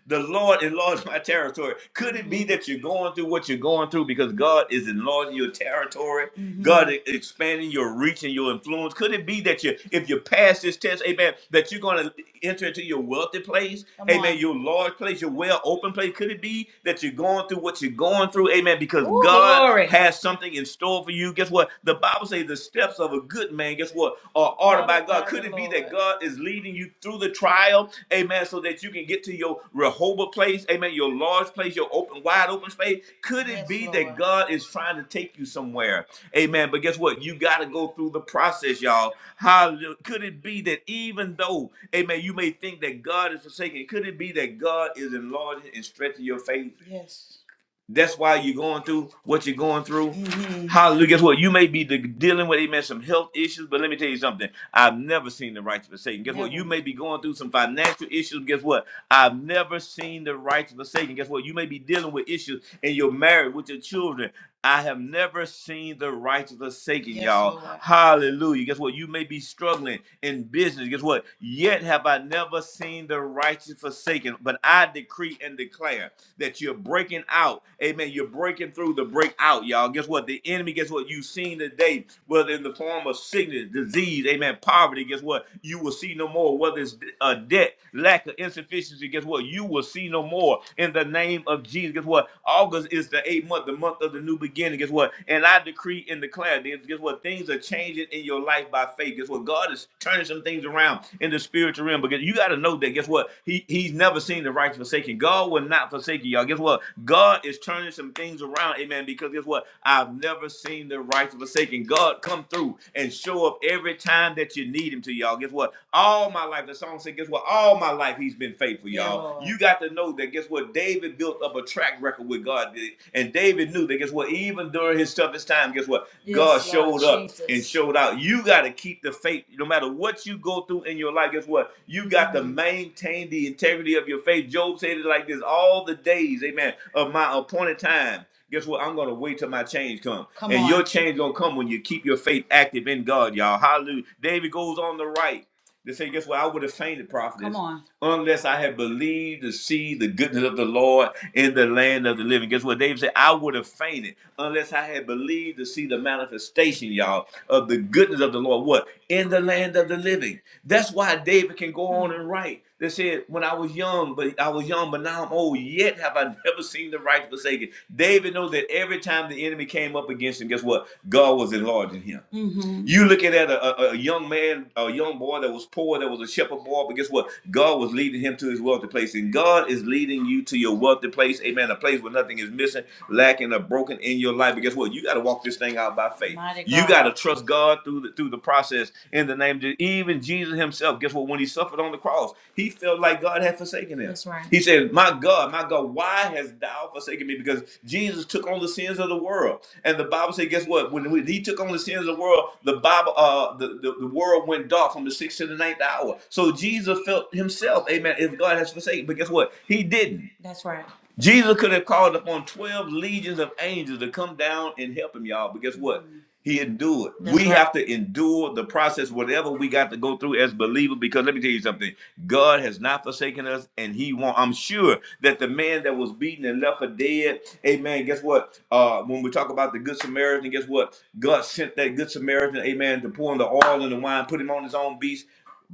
[SPEAKER 1] the Lord enlarge my territory. Could it be that you're going through what you're going through because God is enlarging your territory? hmm God is expanding your reach and your influence. Could it be that you, if you pass this test, amen, that you're going to enter into your wealthy place, Come amen, on. your large place, your well open place? Could it be? be that you're going through what you're going through, amen, because Ooh, God glory. has something in store for you. Guess what? The Bible says the steps of a good man, guess what, are ordered by God. Could it be that God is leading you through the trial, amen, so that you can get to your Rehoboth place, amen, your large place, your open, wide open space? Could it Yes, be that Lord. God is trying to take you somewhere, amen? But guess what? You got to go through the process, y'all. How Could it be that even though, amen, you may think that God is forsaken, could it be that God is enlarging and stretching your faith? That's why you're going through what you're going through. hmm Hallelujah. Guess what? You may be de- dealing with, amen, some health issues, but let me tell you something. I've never seen the righteous forsaken. Guess what? Never. You may be going through some financial issues. Guess what? I've never seen the righteous forsaken. Guess what? You may be dealing with issues in your marriage with your children. I have never seen the righteous forsaken, Yes, y'all. Lord. Hallelujah. Guess what? You may be struggling in business. Guess what? Yet have I never seen the righteous forsaken, but I decree and declare that you're breaking out. Amen. You're breaking through the breakout, y'all. Guess what? The enemy, guess what? You've seen today, whether in the form of sickness, disease, amen, poverty, guess what? You will see no more. Whether it's a debt, lack of insufficiency, guess what? You will see no more in the name of Jesus. Guess what? August is the eighth month, the month of the new beginning. Guess what? And I decree and declare, this. guess what? Things are changing in your life by faith. Guess what? Guess what? God is turning some things around in the spiritual realm because you got to know that. Guess what? He He's never seen the righteous forsaken. God will not forsake you, y'all. Guess what? God is turning some things around, amen. Because guess what? I've never seen the righteous forsaken. God come through and show up every time that you need him to, y'all. Guess what? All my life, the song said, guess what? All my life he's been faithful, y'all. Yeah, You got to know that guess what? David built up a track record with God with God. And David knew that guess what? Even during his toughest time, guess what? God Yes, Lord showed Lord, up Jesus. and showed out. You got to keep the faith no matter what you go through in your life. Guess what? You got mm-hmm. to Mhm. maintain the integrity of your faith. Job said it like this all the days, amen, of my appointed time. Guess what? I'm gonna wait till my change come, Come and on. your change gonna come when you keep your faith active in God, y'all. Hallelujah. David goes on the right. They say, guess what? I would have fainted, prophet. Come on unless I had believed to see the goodness of the Lord in the land of the living. Guess what? David said, I would have fainted unless I had believed to see the manifestation, y'all, of the goodness of the Lord. What? In the land of the living. That's why David can go on and write. They said, When I was young, but I was young, but now I'm old, yet have I [laughs] never seen the righteous forsaken. David knows that every time the enemy came up against him, guess what? God was enlarging him. You looking at a, a, a young man, a young boy that was poor, that was a shepherd boy, but guess what? God was leading him to his wealthy place. And God is leading you to your wealthy place, amen, a place where nothing is missing, lacking, or broken in your life. But guess what? You got to walk this thing out by faith. Mighty You God. got to trust God through the, through the process in the name of Jesus. Even Jesus himself, guess what? When he saw suffered on the cross. He felt like God had forsaken him. That's right. He said, My God, my God, why hast thou forsaken me? Because Jesus took on the sins of the world. And the Bible said, guess what? When, when he took on the sins of the world, the Bible, uh, the, the, the world went dark from the sixth to the ninth hour. So Jesus felt himself, amen, if God has forsaken. But guess what? He didn't. Jesus could have called upon 12 legions of angels to come down and help him, y'all. But guess what? Mhm. He endured. That's We right. have to endure the process, whatever we got to go through as believers, because let me tell you something. God has not forsaken us, and He won't. I'm sure that the man that was beaten and left for dead, amen. Guess what? Uh, when we talk about the Good Samaritan, guess what? God sent that Good Samaritan, amen, to pour in the oil and the wine, put him on his own beast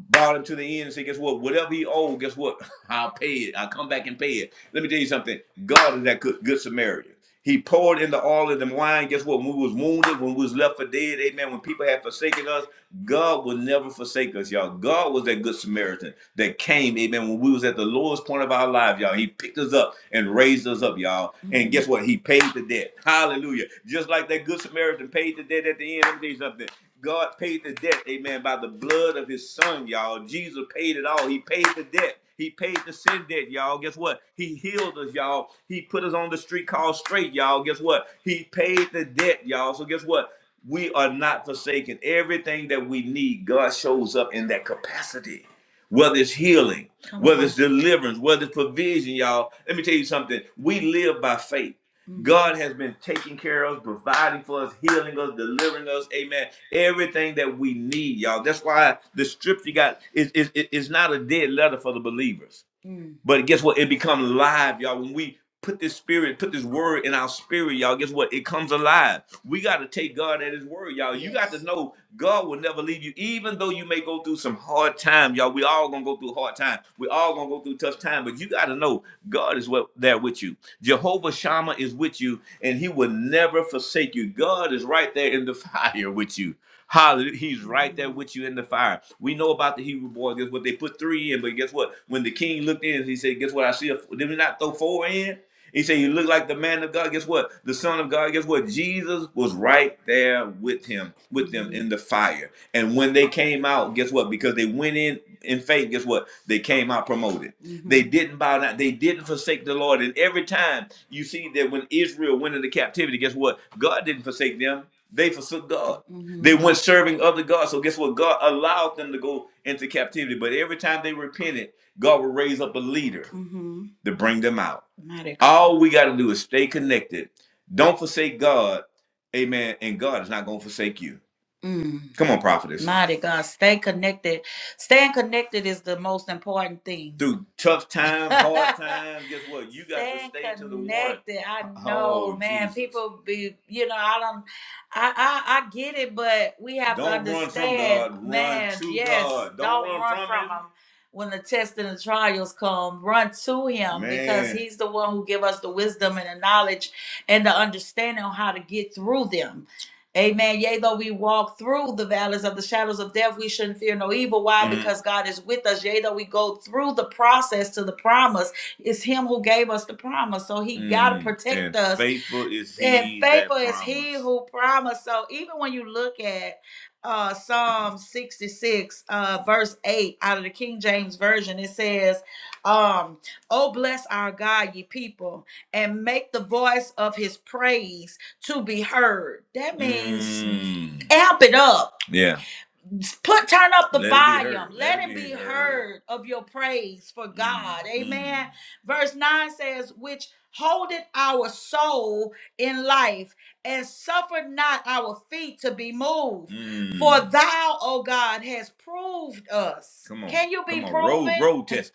[SPEAKER 1] brought him to the end and said, guess what? Whatever he owed, guess what? [laughs] I'll pay it. I'll come back and pay it. Let me tell you something. God is that good, good Samaritan. He poured in the oil and the wine. Guess what? When we was wounded, when we was left for dead, amen. When people had forsaken us, God will never forsake us, y'all. God was that good Samaritan that came, amen, when we was at the lowest point of our lives, y'all. He picked us up and raised us up, y'all. And guess what? He paid the debt. Hallelujah. Just like that good Samaritan paid the debt at the end. Let me tell you something. God paid the debt, amen, by the blood of his son, y'all. Jesus paid it all. He paid the debt. He paid the sin debt, y'all. Guess what? He healed us, y'all. He put us on the street called straight, y'all. Guess what? He paid the debt, y'all. So guess what? We are not forsaken. Everything that we need, God shows up in that capacity. Whether it's healing, Come whether on. it's deliverance, whether it's provision, y'all. Let me tell you something. We live by faith. God has been taking care of us, providing for us, healing us, delivering us. Amen. Everything that we need, y'all. That's why the scripture got is is is not a dead letter for the believers. Mm. But guess what? It becomes live, y'all. When we put this spirit, put this word in our spirit, y'all. Guess what? It comes alive. We got to take God at His word, y'all. You got Yes. to Yes. know God will never leave you, even though you may go through some hard time, y'all. We all gonna go through hard time. We all gonna go through tough time, but you got to know God is what there with you. Jehovah Shammah is with you, and he will never forsake you. God is right there in the [laughs] fire with you. Hallelujah. He's right there with you in the fire. We know about the Hebrew boy. Guess what? They put three in, but guess what? When the king looked in, he said, Guess what? I see a, did we not throw four in? He said, You look like the man of God. Guess what? The son of God. Guess what? Jesus was right there with him, with them in the fire. And when they came out, guess what? Because they went in in faith, guess what? They came out promoted. Mhm. They didn't bow down. They didn't forsake the Lord. And every time you see that when Israel went into captivity, guess what? God didn't forsake them. They forsook God. Mhm. They went serving other gods. So guess what? God allowed them to go into captivity. But every time they repented, God would raise up a leader Mhm. to bring them out. Mighty God. All we got to do is stay connected. Don't forsake God. Amen. And God is not going to forsake you. Mm. Come on, prophetess. Mighty God. Stay connected. Staying connected is the most important thing. [laughs] Through tough times, hard [laughs] times, guess what? You got to Staying stay to the one. connected. I know, Oh, man. Jesus. People be, you know, I don't, I, I, I get it, but we have to Don't run from understand, God. Run man. to Yes, God. Don't don't run run from from Him. Him when the tests and the trials come, run to him Man. because he's the one who give us the wisdom and the knowledge and the understanding on how to get through them Amen. Yea, though we walk through the valleys of the shadows of death, we shouldn't fear no evil. Why? Mm. Because God is with us. Yea, though we go through the process to the promise, it's Him who gave us the promise. So He got to Mm. protect And us faithful is he And faithful that is he promised. who promised. So even when you look at uh Psalm 66, uh verse 8 out of the King James Version, it says, um, Oh bless our God, ye people, and make the voice of his praise to be heard. That means Mm. amp it up. Yeah put turn up the Let it be volume heard. Let let it it be be heard. heard of your praise for Mm, god mm. amen mm. verse 9 says which holdeth our soul in life and suffered not our feet to be moved for Mm. thou o god has proved us Come on. can you be Come on. Road, proven [laughs] road tested.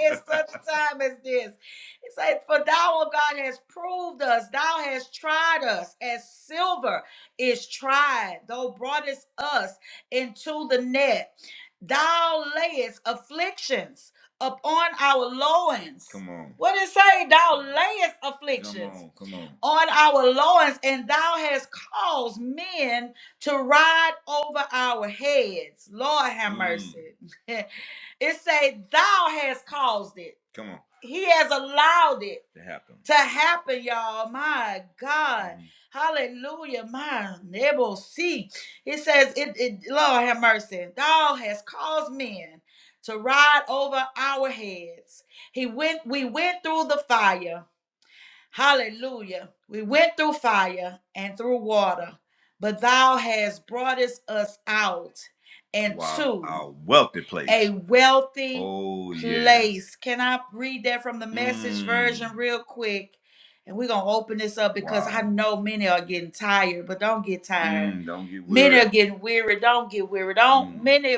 [SPEAKER 1] in such [laughs] a time as this it says for thou o god has proved us thou hast tried us as silver is tried thou broughtest us into the net. Thou layest afflictions upon our loins. Come on. What it say? Thou layest afflictions. Come on, come on. On our loins, and thou hast caused men to ride over our heads. Lord have Mm. mercy. [laughs] It say, Thou hast caused it. Come on. He has allowed it to happen. To happen, y'all. My God. Mhm. Hallelujah. My neighbor it says, it, it Lord have mercy. Thou has caused men to ride over our heads. He went, we went through the fire Hallelujah. We went through fire and through water, but thou hast brought us us out Wow, into our wealthy place, a wealthy Oh yes. place. Can I read that from the message version Mm. real quick? And we're going to open this up because I Wow. know many are getting tired, but don't get tired. Mm, don't get Many weary. are getting weary. Don't get weary. Don't Mm. many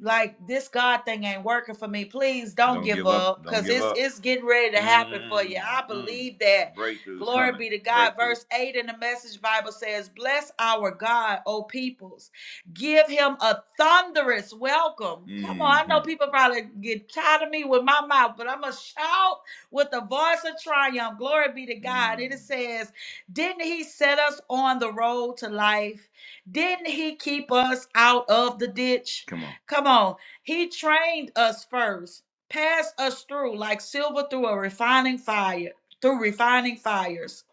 [SPEAKER 1] like this God thing ain't working for me. Please don't Don't give give up. because it's up. it's getting ready to happen mm, for you. I Mm-mm. believe mm. that. Breakthrough's Glory coming. be to God. Verse 8 in the message Bible says, Bless our God, O peoples. Give him a thunderous welcome. Mm-hmm. Come on. I know Mm-hmm. people probably get tired of me with my mouth, but I'm going to shout with the voice of triumph. Glory be to God. Mm. It says, Didn't he set us on the road to life? Didn't he keep us out of the ditch? Come on. Come on. He trained us first, passed us through like silver through a refining fire, through refining fires,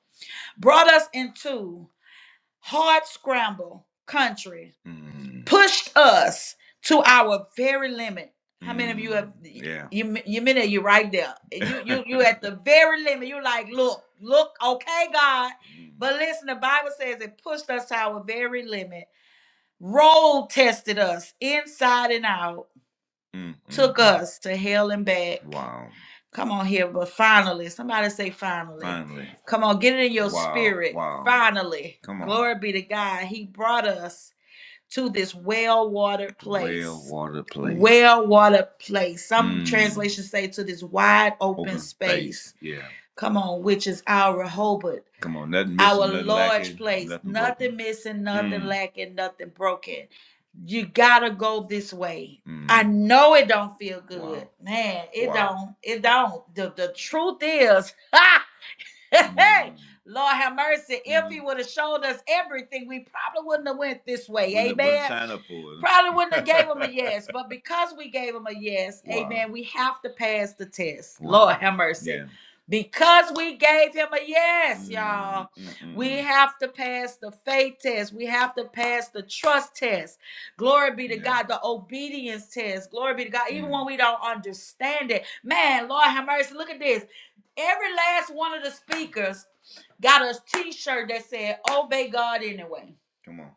[SPEAKER 1] brought us into hard scramble country, Mm, pushed us to our very limit. How many of you have mm, yeah. you you many of you right there? [laughs] You you you [laughs] at the very limit. You like, look, look, okay, God. Mm, But listen, the Bible says it pushed us to our very limit Roll tested us inside and out, Mm, mm, took mm. us to hell and back. Wow. Come on here, but finally, somebody say finally. Finally. Come on, get it in your Wow. spirit. Wow. Finally, Come on. glory be to God. He brought us to this well watered Well place. water place. Well watered place. Some Mm. translations say to this wide open Open space. space. Yeah. Come on, which is our Rehoboth, Come on. Nothing missing, our nothing large lacking, place. nothing Nothing missing, nothing Mm. lacking, nothing broken. You gotta go this way. Mm. I Mm. know it don't feel good. Wow. Man, it Wow. don't. It don't. The, the truth is, [laughs] Mm-hmm. [laughs] Lord have mercy. If Mm-hmm. If he would have showed us everything, we probably wouldn't have went this way. Wouldn't Amen. sign up for it. Probably wouldn't have [laughs] gave him a [laughs] huh? yes, but because we gave him a yes, wow. amen, we have to pass the test. Wow. Lord Wow. have mercy. Yeah. Because we gave him a yes, Mm, y'all, mm, mm, we mm. have to pass the faith test. We have to pass the trust test. Glory be to Yeah. God, the obedience test. Glory be to God, even Mm. when we don't understand it. Man, Lord have mercy. Look at this. Every last one of the speakers got a T-shirt that said "Obey God anyway." Come on.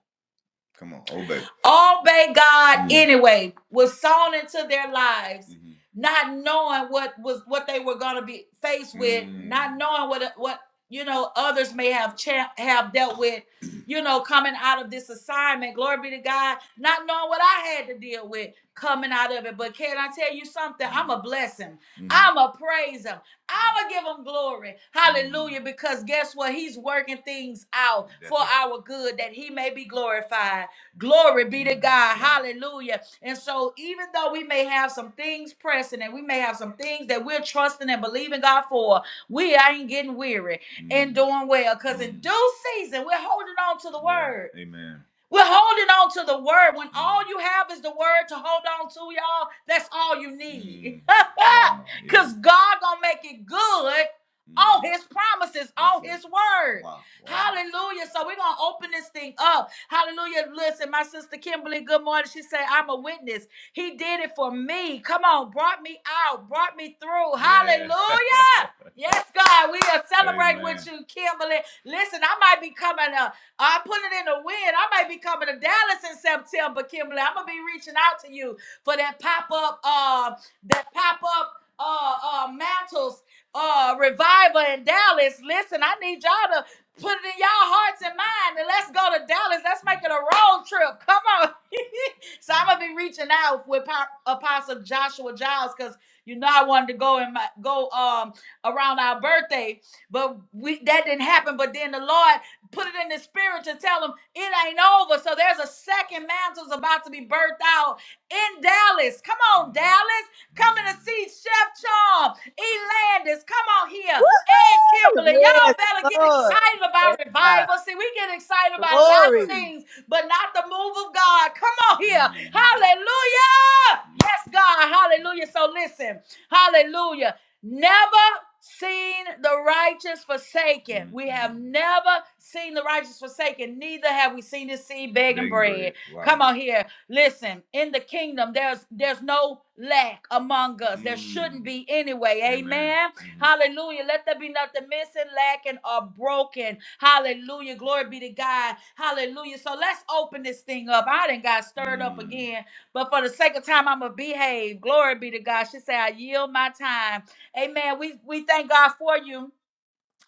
[SPEAKER 1] Come on. Obey. Obey God Mm. anyway was sown into their lives, Mhm. not knowing what was what they were going to be faced with, Mm. not knowing what what you know others may have cha- have dealt with, [clears throat] you know, coming out of this assignment. Glory be to God, not knowing what I had to deal with coming out of it. But can I tell you something? Mm-hmm. I'm Mm. a blessing. Mhm. I'm a praiser. I would give him glory. Hallelujah. Because guess what? He's working things out for right. our good that he may be glorified. Glory be to God. Hallelujah. And so, even though we may have some things pressing and we may have some things that we're trusting and believing God for, we ain't getting weary and doing well. Because in due season, we're holding on to the Yeah. word. Amen. We're holding on to the word. When all you have is the word to hold on to, y'all, that's all you need. [laughs] Cause God gonna make it good Mm. on his promises, That's on his word. Wow. Wow. Hallelujah. So we're gonna open this thing up. Hallelujah. Listen, my sister Kimberly, good morning. She said, I'm a witness. He did it for me. Come on, brought me out, brought me through. Yeah. Hallelujah. Yeah. [laughs] Yes, God, we are celebrating Amen. with you, Kimberly. Listen, I might be coming up. I put it in the wind. I might be coming to Dallas in September, Kimberly. I'm gonna be reaching out to you for that pop-up uh, that pop up uh, uh, mantles, uh, revival in Dallas. Listen, I need y'all to put it in y'all hearts and mind and let's go to Dallas. Let's make it a road trip. Come on. [laughs] so I'm gonna be reaching out with Po- Apostle Joshua Giles because you know I wanted to go and my, go um around our birthday, but we that didn't happen. But then the Lord put it in the spirit to tell them it ain't over. So there's a second mantle's about to be birthed out in Dallas. Come on, Dallas. Coming to see Chef Charm, E. Landis, come on here, and Kimberly.
[SPEAKER 2] Woo! Yes,
[SPEAKER 1] Y'all better get
[SPEAKER 2] Lord.
[SPEAKER 1] excited about
[SPEAKER 2] Thank God.
[SPEAKER 1] revival. See, we get excited about a lot
[SPEAKER 2] Glory.
[SPEAKER 1] of things, but not the move of God. Come on here. Hallelujah. Yes, God. Hallelujah. So listen, hallelujah. Never seen the righteous forsaken. We have never seen the righteous forsaken, neither have we seen his seed begging bread. Come on here. Listen, in the kingdom, there's there's no lack among us. There shouldn't be anyway. Amen. Hallelujah. Let there be nothing missing, lacking, or broken. Hallelujah. Glory be to God. Hallelujah. So let's open this thing up. I didn't got stirred up again, but for the sake of time, I'ma behave. Glory be to God. She said, I yield my time. Amen. We we thank God for you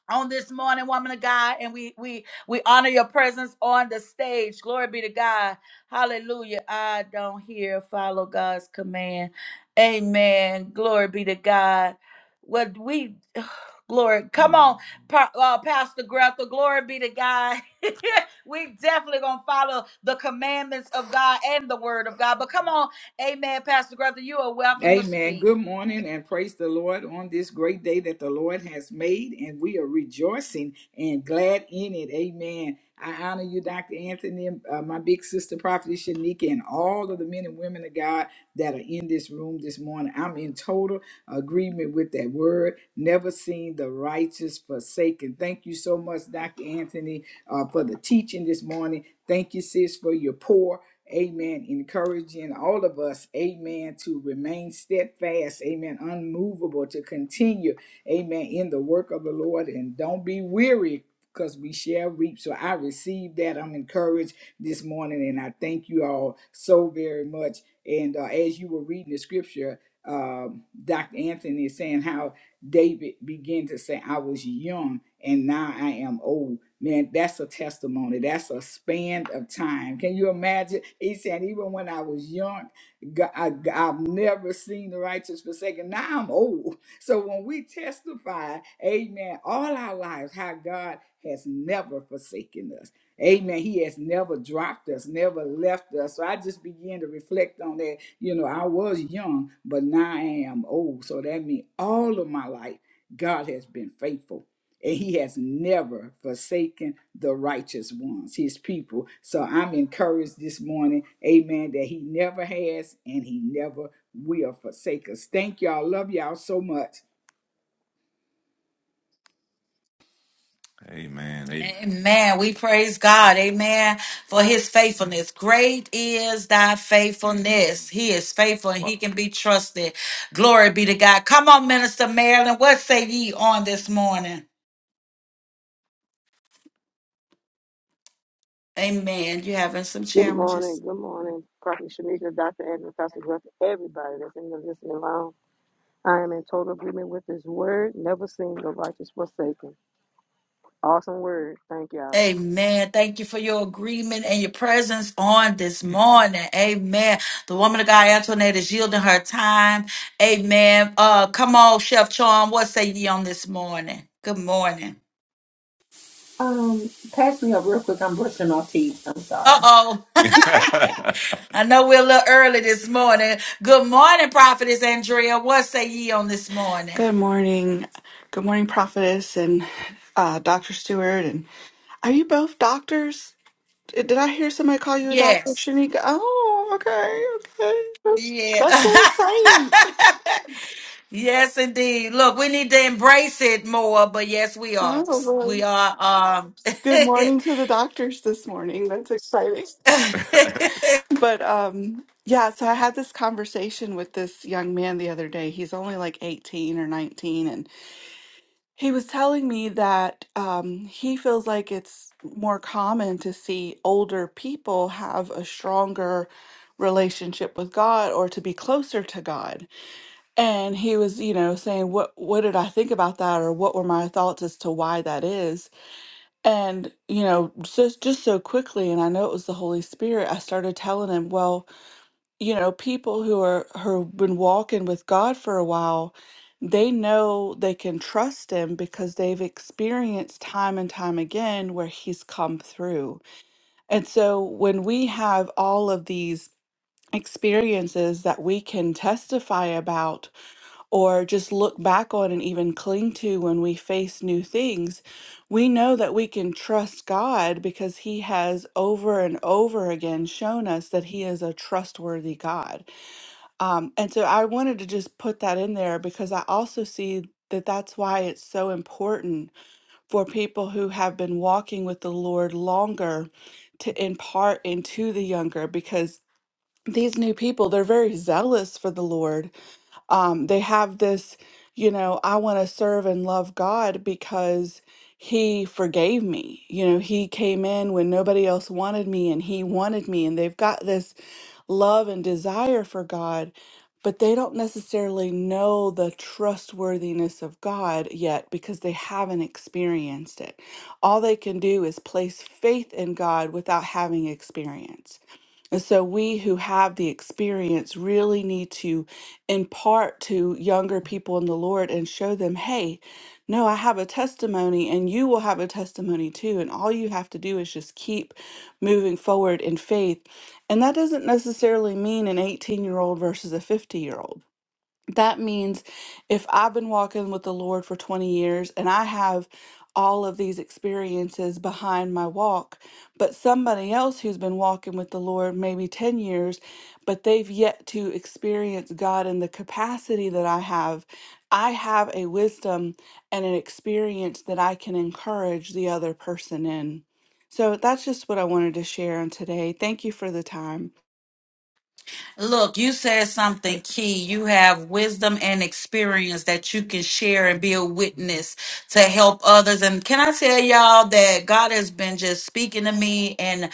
[SPEAKER 1] on this morning, woman of God, and we we we honor your presence on the stage. Glory be to God. Hallelujah. I don't hear follow God's command. Amen. Glory be to God. What we [sighs] glory. Come on, Pa- uh, Pastor Grethel. Glory be to God. [laughs] we definitely gonna follow the commandments of God and the word of God. But come on, Amen, Pastor Grethel. You are welcome to
[SPEAKER 3] Amen.
[SPEAKER 1] speak.
[SPEAKER 3] Good morning and praise the Lord on this great day that the Lord has made, and we are rejoicing and glad in it. Amen. I honor you, Dr. Anthony, uh, my big sister, Prophet Shanika, and all of the men and women of God that are in this room this morning. I'm in total agreement with that word. Never seen the righteous forsaken. Thank you so much, Dr. Anthony, uh, for the teaching this morning. Thank you, sis, for your pour. Amen. Encouraging all of us, amen, to remain steadfast, amen, unmovable, to continue, amen, in the work of the Lord and don't be weary because we shall reap. So I received that. I'm encouraged this morning and I thank you all so very much. And uh, as you were reading the scripture, um, Dr. Anthony is saying how David began to say, I was young and now I am old. Man, that's a testimony. That's a span of time. Can you imagine? He said, even when I was young, Go- I, have never seen the righteous forsaken. Now I'm old. So when we testify, amen, all our lives, how God has never forsaken us. Amen. He has never dropped us, never left us. So I just began to reflect on that you know, I was young, but now I am old. So that means all of my life, God has been faithful. And he has never forsaken the righteous ones, his people. So I'm encouraged this morning, amen, that he never has and he never will forsake us. Thank y'all. Love y'all so much.
[SPEAKER 4] Amen. Amen. Amen. We praise God. Amen. For his faithfulness. Great is thy faithfulness. He is faithful and he can be trusted. Glory be to God. Come on, Minister Marilyn. What say ye on this morning? Amen. You having some
[SPEAKER 5] Good morning,
[SPEAKER 4] challenges.
[SPEAKER 5] good morning, Prophet Shanika, Dr. Anthony, Pastor Grant, everybody that's in the listening lounge. I am in total agreement with this word, never seen the righteous forsaken. Awesome word. Thank y'all.
[SPEAKER 4] Amen. Thank you for your agreement and your presence on this morning. Amen. The woman of God, Antoinette, is yielding her time. Amen. Uh, come on, Chef Charm. What say ye on this morning? Good morning.
[SPEAKER 2] Brushing our teeth. I'm
[SPEAKER 4] Uh
[SPEAKER 2] sorry.
[SPEAKER 4] oh. [laughs] I know we're a little early this morning. Good morning, Prophetess Andrea. What say ye on this morning?
[SPEAKER 6] Good morning. Good morning, Prophetess and uh, Dr. Stewart. And are you both doctors? Did did I hear somebody call you a doctor,
[SPEAKER 4] Yes.
[SPEAKER 6] Shanika? Oh, okay, okay. That's,
[SPEAKER 4] Yeah.
[SPEAKER 6] that's
[SPEAKER 4] [laughs]
[SPEAKER 6] so exciting.
[SPEAKER 4] yes, indeed. Look, we need to embrace it more, but yes, we are.
[SPEAKER 6] Oh, well,
[SPEAKER 4] We are.
[SPEAKER 6] good
[SPEAKER 4] Um,
[SPEAKER 6] morning to the doctors this morning. That's exciting. [laughs]
[SPEAKER 4] [laughs]
[SPEAKER 6] But um, yeah, so I had this conversation with this young man the other day. He's only like 18 or 19. He was telling me that um, he feels like it's more common to see older people have a stronger relationship with God or to be closer to God. And he was, you know, saying, "What what did I think about that, or what were my thoughts as to why that is?" And you know, just just so quickly, and I know it was the Holy Spirit. I started telling him, "Well." you know, people who are who've been walking with God for a while, they know they can trust him because they've experienced time and time again where he's come through. And so when we have all of these experiences that we can testify about or just look back on and even cling to when we face new things, we know that we can trust God because he has over and over again shown us that he is a trustworthy God. Um, and so I wanted to just put that in there because I also see that that's why it's so important for people who have been walking with the Lord longer to impart into the younger because these new people, they're very zealous for the Lord. Um, they have this, you know, I want to serve and love God because he forgave me. You know, he came in when nobody else wanted me and he wanted me. And they've got this love and desire for God, but they don't necessarily know the trustworthiness of God yet because they haven't experienced it. All they can do is place faith in God without having experience. And so we who have the experience really need to impart to younger people in the Lord and show them, hey, no, I have a testimony and you will have a testimony too. And all you have to do is just keep moving forward in faith. And that doesn't necessarily mean an 18 year old versus a 50 year old. That means if I've been walking with the Lord for 20 years and I have all of these experiences behind my walk, but somebody else who's been walking with the Lord maybe 10 years, but they've yet to experience God in the capacity that I have, I have a wisdom and an experience that I can encourage the other person in. So that's just what I wanted to share on today. Thank you for the time.
[SPEAKER 4] Look, you said something key. You have wisdom and experience that you can share and be a witness to help others. And can I tell y'all that God has been just speaking to me and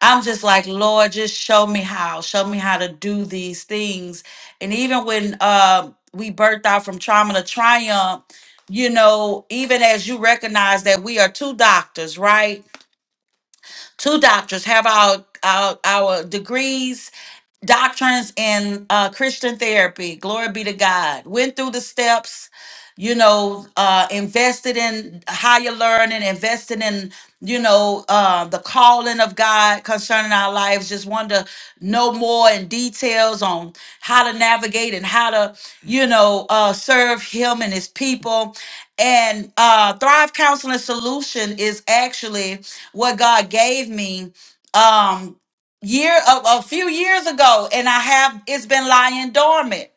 [SPEAKER 4] I'm just like, Lord, just show me how, show me how to do these things. And even when uh, we birthed out from trauma to triumph, you know, even as you recognize that we are two doctors, right? two doctors have our our, our degrees doctrines in uh, Christian therapy. Glory be to God. Went through the steps you know, uh, invested in higher learning, invested in, you know, uh, the calling of God concerning our lives. Just want to know more in details on how to navigate and how to, you know, uh, serve Him and His people. And uh, Thrive Counseling Solution is actually what God gave me um, year a, a few years ago, and I have it's been lying dormant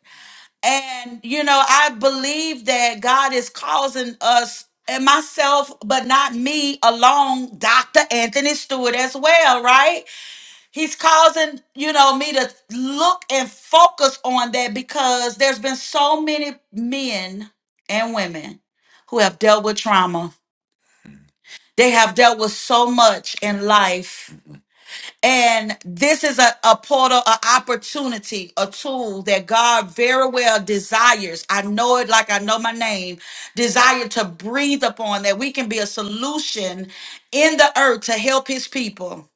[SPEAKER 4] and, you know, I believe that God is causing us and myself, but not me alone, Dr. Anthony Stewart as well, right? He's causing, you know, me to look and focus on that because there's been so many men and women who have dealt with trauma. They have dealt with so much in life and this is a, a portal, an opportunity, a tool that God very well desires. I know it like I know my name, desire to breathe upon that we can be a solution in the earth to help his people.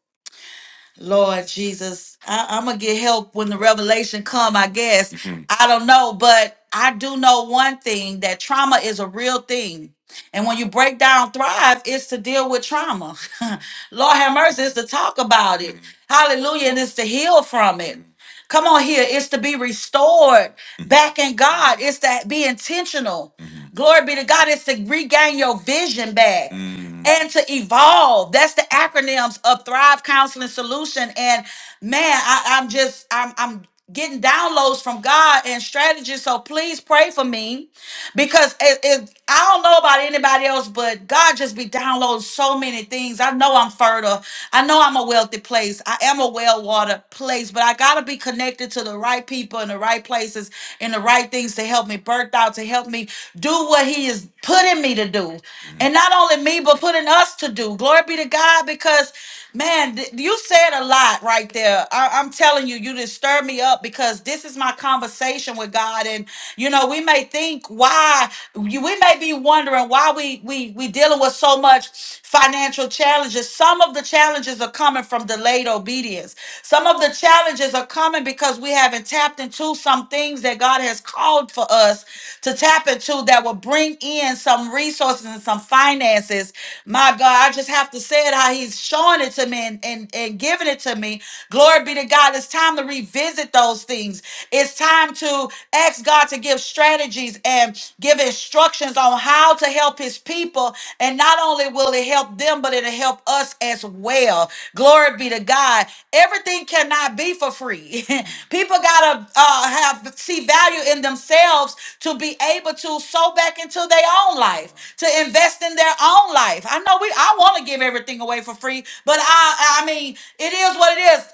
[SPEAKER 4] Lord Jesus, I, I'm gonna get help when the revelation come. I guess Mhm. I don't know, but I do know one thing: that trauma is a real thing. And when you break down Thrive, it's to deal with trauma. [laughs] Lord have mercy, it's to talk about it. Mhm. Hallelujah, and it's to heal from it. Come on here. It's to be restored Mhm. back in God. It's to be intentional. Mhm. Glory be to God. It's to regain your vision back Mhm. and to evolve. That's the acronyms of Thrive Counseling Solution. And man, I, I'm just I'm I'm getting downloads from God and strategies. So please pray for me because it, it, I don't know about anybody else, but God just be downloading so many things. I know I'm fertile. I know I'm a wealthy place. I am a well-watered place, but I gotta be connected to the right people in the right places and the right things to help me birth out, to help me do what He is putting me to do, and not only me, but putting us to do. Glory be to God, because man, th- you said a lot right there. I- I'm telling you, you just stirred me up because this is my conversation with God. God. And you know, we may think why you- we may be wondering why we we we dealing with so much financial challenges. Some of the challenges are coming from delayed obedience. Some of the challenges are coming because we haven't tapped into some things that God has called for us to tap into that will bring in some resources and some finances. My God, I just have to say it how He's showing it to me and, and, and giving it to me. Glory be to God. It's time to revisit those with those things. It's time to ask God to give strategies and give instructions on how to help his people. And not only will it help them, but it'll help us as well. Glory be to God. Everything cannot be for free. [laughs] people gotta uh, have see value in themselves to be able to sow back into their own life, to invest in their own life. I know we I want to give everything away for free, but I I mean it is what it is.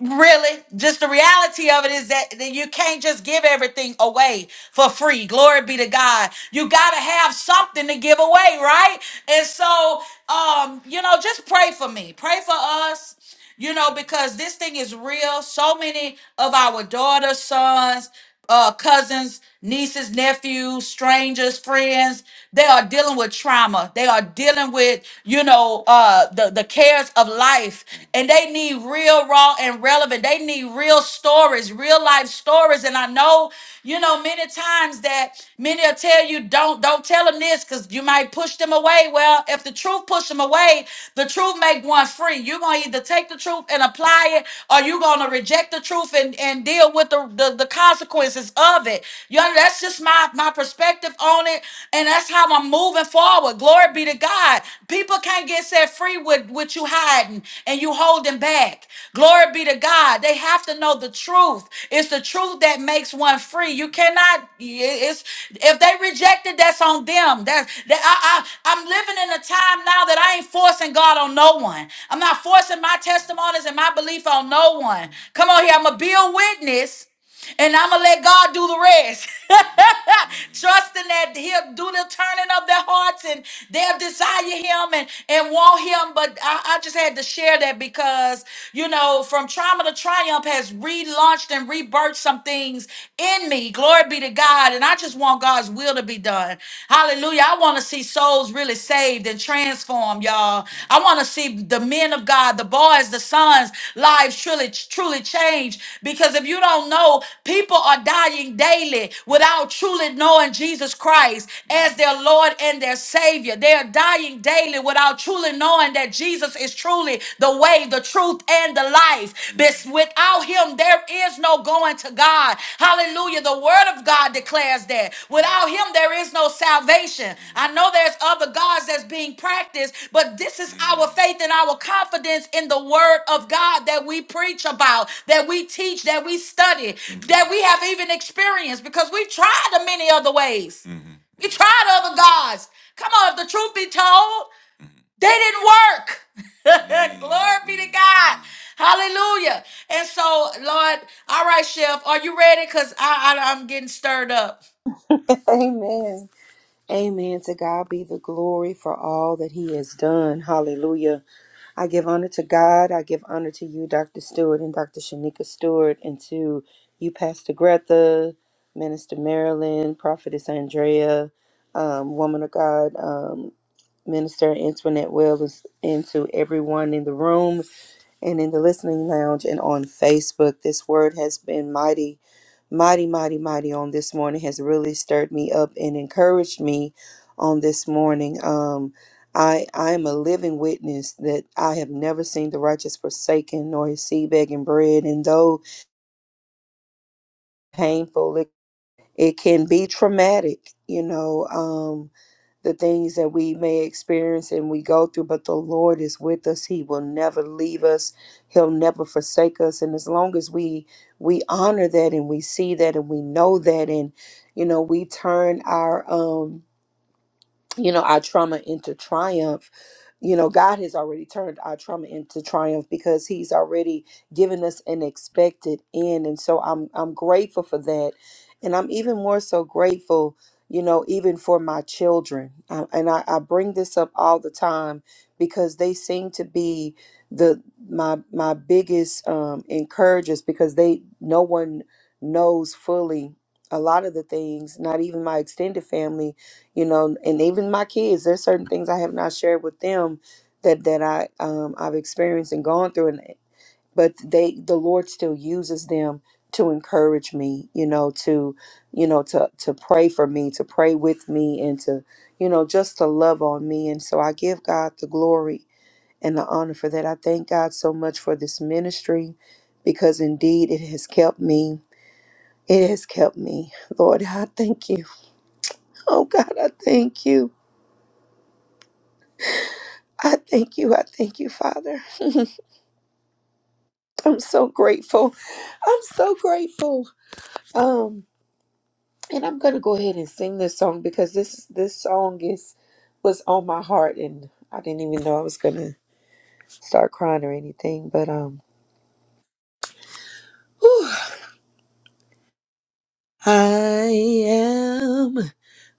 [SPEAKER 4] Really, just the reality of it is that, that you can't just give everything away for free. Glory be to God. You gotta have something to give away, right? And so, um, you know, just pray for me. Pray for us. You know, because this thing is real. So many of our daughters, sons uh, cousins, nieces, nephews, strangers, friends. They are dealing with trauma. They are dealing with, you know, uh, the, the cares of life. And they need real, raw, and relevant. They need real stories, real life stories. And I know, you know, many times that many will tell you, don't, don't tell them this because you might push them away. Well, if the truth push them away, the truth make one free. You're gonna either take the truth and apply it, or you're gonna reject the truth and, and deal with the, the, the consequences of it. You know, that's just my, my perspective on it, and that's how I'm moving forward. Glory be to God. People can't get set free with, with you hiding and you holding back. Glory be to God. They have to know the truth. It's the truth that makes one free. You cannot. yeah, It's if they rejected, that's on them. That that I, I I'm living in a time now that I ain't forcing God on no one. I'm not forcing my testimonies and my belief on no one. Come on here. I'm gonna be a witness and I'm gonna let God do the rest. [laughs] trusting that he'll do the turning of their hearts and they'll desire him and, and want him. But I, I just had to share that because, you know, from trauma to triumph has relaunched and rebirthed some things in me. Glory be to God. And I just want God's will to be done. Hallelujah. I want to see souls really saved and transformed, y'all on. I want to see the men of God, the boys, the sons' lives truly, truly change. Because if you don't know, people are dying daily without truly knowing Jesus Christ as their Lord and their Savior. They are dying daily without truly knowing that Jesus is truly the way, the truth, and the life. Bes- Without Him, there there is no going to God. Hallelujah. The word of God declares that. Without him, there is no salvation. I know there's other gods that's being practiced, but this is our faith and our confidence in the word of God that we preach about, that we teach, that we study, that we have even experienced because we've tried the many other ways. We tried other gods. Come on, if the truth be told. They didn't work. [laughs] Glory be to God. Hallelujah. And so, Lord, all right, Chef, are you ready? Because I, I, I'm getting stirred up.
[SPEAKER 2] [laughs] Amen. Amen. To God be the glory for all that He has done. Hallelujah. I give honor to God. I give honor to you, Dr. Stewart and Dr. Shanika Stewart, and to you, Pastor Greta, Minister Marilyn, Prophetess Andrea, um, Woman of God, um, Minister Antoinette Wells, and to everyone in the room. and in the listening lounge and on Facebook. This word has been mighty, mighty, mighty, mighty on this morning, has really stirred me up and encouraged me on this morning. Um, I, I am a living witness that I have never seen the righteous forsaken nor his seed begging bread. And though painful, it, it can be traumatic, you know. Um, the things that we may experience and we go through, but the Lord is with us. He will never leave us. He'll never forsake us. And as long as we we honor that and we see that and we know that and you know we turn our um you know our trauma into triumph you know god has already turned our trauma into triumph because he's already given us an expected end and so i'm i'm grateful for that and i'm even more so grateful you know even for my children I, and I, I bring this up all the time because they seem to be the my my biggest um encouragers because they no one knows fully a lot of the things not even my extended family you know and even my kids there's certain things i have not shared with them that that i um, i've experienced and gone through and but they the lord still uses them to encourage me you know to you know to to pray for me to pray with me and to you know just to love on me and so i give god the glory and the honor for that i thank god so much for this ministry because indeed it has kept me it has kept me lord i thank you [laughs] oh god i thank you I thank you. I thank you, Father. [laughs] I'm so grateful. I'm so grateful. Um, and I'm gonna go ahead and sing this song because this this song is was on my heart, and I didn't even know I was gonna start crying or anything. But um, whew. I am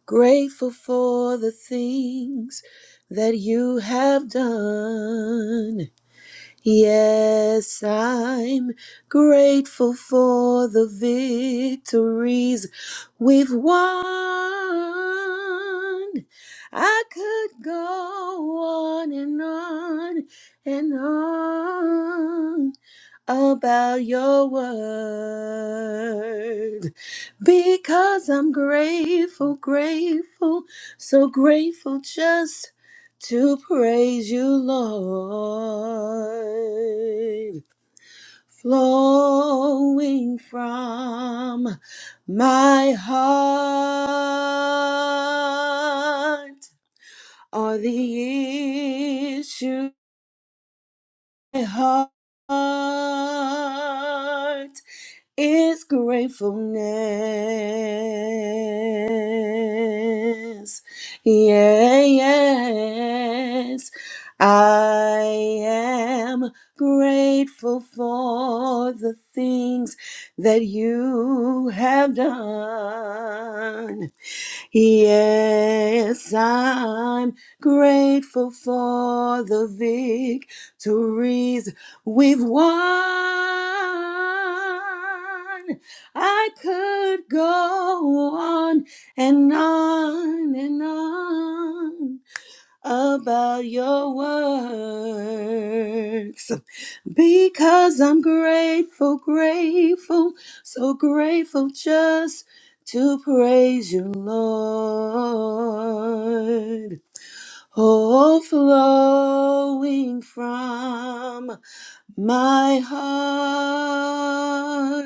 [SPEAKER 2] grateful for the things that you have done. Yes, I'm grateful for the victories we've won. I could go on and on and on about your word because I'm grateful, grateful, so grateful just to praise you, Lord. Flowing from my heart are the issues. of My heart is gratefulness. Yeah, Yes, I am grateful for the things that you have done. Yes, I'm grateful for the victories we've won. I could go on and on and on about your works because I'm grateful, grateful, so grateful just to praise you, Lord. Oh, flowing from my heart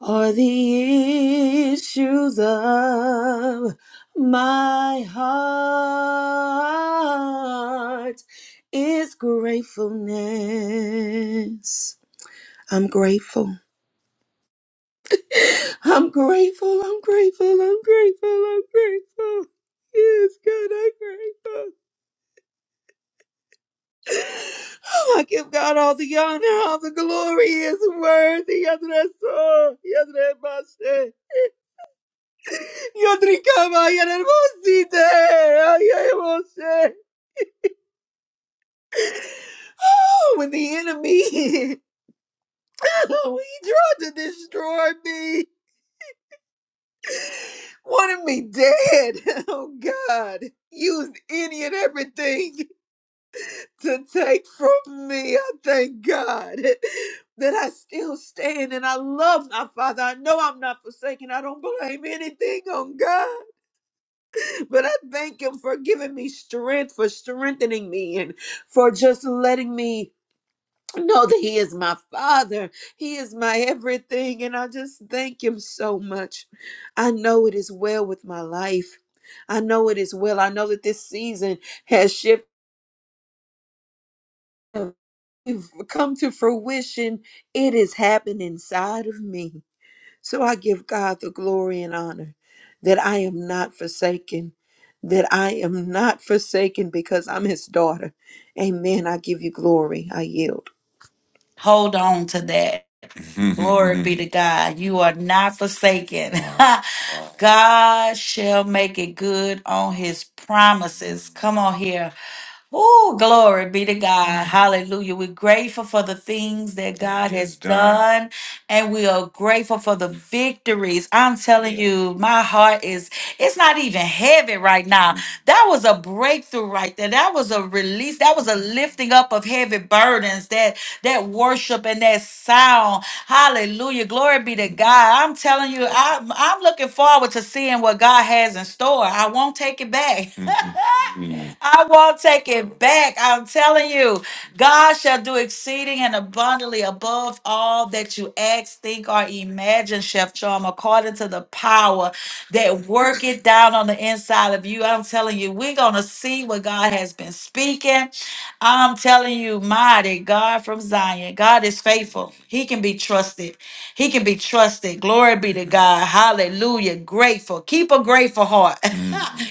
[SPEAKER 2] are the issues of my heart is gratefulness. I'm grateful. I'm grateful. I'm grateful. I'm grateful. I'm grateful. Yes, God, I'm grateful. I give God all the honor, all the glory He is worthy. Yes, that's all. Yes, that's my shit. Yo tricaba y era hermosita. Ay, ay, hermosa. Oh, when the enemy [laughs] he tried to destroy me, wanted me dead. [laughs] Oh God, used any and everything to take from me. I thank God [laughs] that I still stand and I love my Father. I know I'm not forsaken. I don't blame anything on God, but I thank Him for giving me strength, for strengthening me, and for just letting me. know that he is my father he is my everything and i just thank him so much i know it is well with my life i know it is well i know that this season has shifted come to fruition it is happening inside of me so i give god the glory and honor that i am not forsaken that i am not forsaken because i'm his daughter amen i give you glory i yield
[SPEAKER 4] Hold on to that. [laughs] Glory be to God. You are not forsaken. [laughs] God shall make it good on his promises. Come on here. Oh, glory be to God. Hallelujah. We're grateful for the things that God has done, and we are grateful for the victories. I'm telling Yeah. you, my heart is, it's not even heavy right now. That was a breakthrough right there. That was a release. That was a lifting up of heavy burdens, that, that worship and that sound. Hallelujah. Glory be to God. I'm telling you, I'm, I'm looking forward to seeing what God has in store. I won't take it back. [laughs] Mm. I won't take it back. I'm telling you, God shall do exceeding and abundantly above all that you ask, think, or imagine, Chef Charm, according to the power that work it down on the inside of you. I'm telling you, we're going to see what God has been speaking. I'm telling you, mighty God from Zion, God is faithful. He can be trusted. He can be trusted. Glory be to God. Hallelujah. Grateful. Keep a grateful heart. [laughs]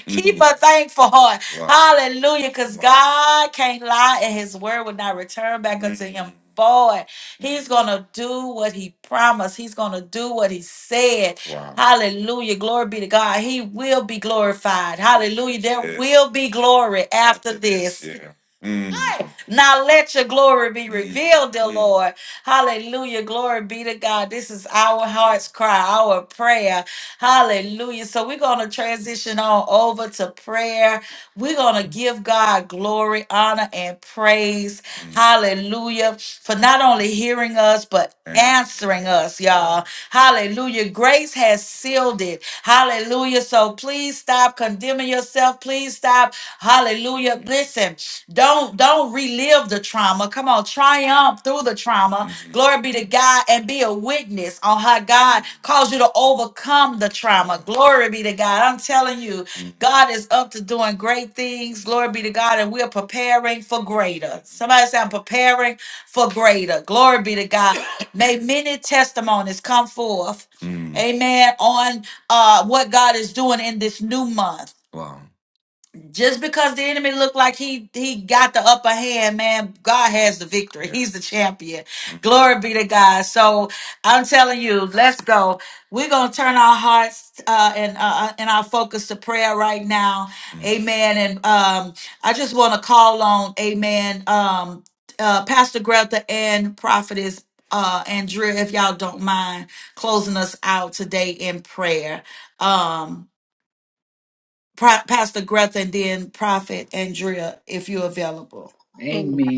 [SPEAKER 4] Keep Mm-hmm. a thankful heart. Wow. Hallelujah. Because Wow. God can't lie and his word will not return back unto him. Boy, he's gonna do what he promised. He's gonna do what he said. Wow. Hallelujah. Glory be to God. He will be glorified. Hallelujah. There Yes. will be glory after After this, this. yeah. Mm. Now let your glory be revealed, dear Lord. Hallelujah. Glory be to God. This is our heart's cry, our prayer. Hallelujah. So we're going to transition on over to prayer. We're going to give God glory, honor, and praise. Hallelujah. For not only hearing us, but answering us, y'all. Hallelujah. Grace has sealed it. Hallelujah. So please stop condemning yourself. Please stop. Hallelujah. Listen, don't don't relive the trauma. Come on, triumph through the trauma. Mhm. Glory be to God and be a witness on how God calls you to overcome the trauma. Glory be to God. I'm telling you, Mhm. God is up to doing great things. Glory be to God. And we're preparing for greater. Somebody say, I'm preparing for greater. Glory be to God. [coughs] May many testimonies come forth. Mm. Amen. On uh, what God is doing in this new month. Wow just because the enemy looked like he he got the upper hand, man, God has the victory. Yeah. He's the champion. hmm Glory be to God. So I'm telling you, let's go. We're gonna turn our hearts uh, and uh, uh, and our focus to prayer right now. mm Amen. And um, I just want to call on Amen. Um, uh, Pastor Greta and Prophetess. Uh, Andrea, if y'all don't mind closing us out today in prayer. Um, Pro- Pastor Greta and then Prophet Andrea, if you're available.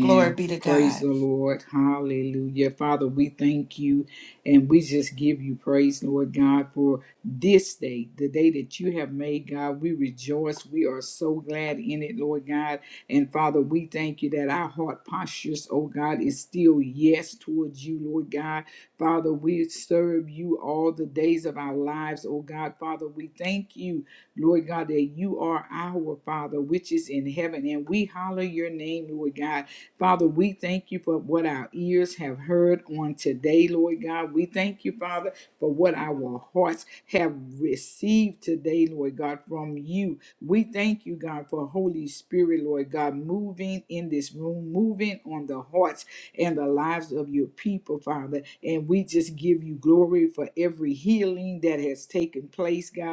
[SPEAKER 4] Glory be to
[SPEAKER 3] Praise
[SPEAKER 4] God.
[SPEAKER 3] the Lord. Hallelujah. Father, we thank you and we just give you praise, Lord God, for this day, the day that you have made, God. We rejoice. We are so glad in it, Lord God. And Father, we thank you that our heart postures, oh God, is still yes towards you, Lord God. Father, we serve you all the days of our lives, oh God. Father, we thank you Lord God, that you are our Father, which is in heaven, and we holler your name, Lord God. Father, we thank you for what our ears have heard on today, Lord God. We thank you, Father, for what our hearts have received today, Lord God, from you. We thank you, God, for Holy Spirit, Lord God, moving in this room, moving on the hearts and the lives of your people, Father. And we just give you glory for every healing that has taken place, God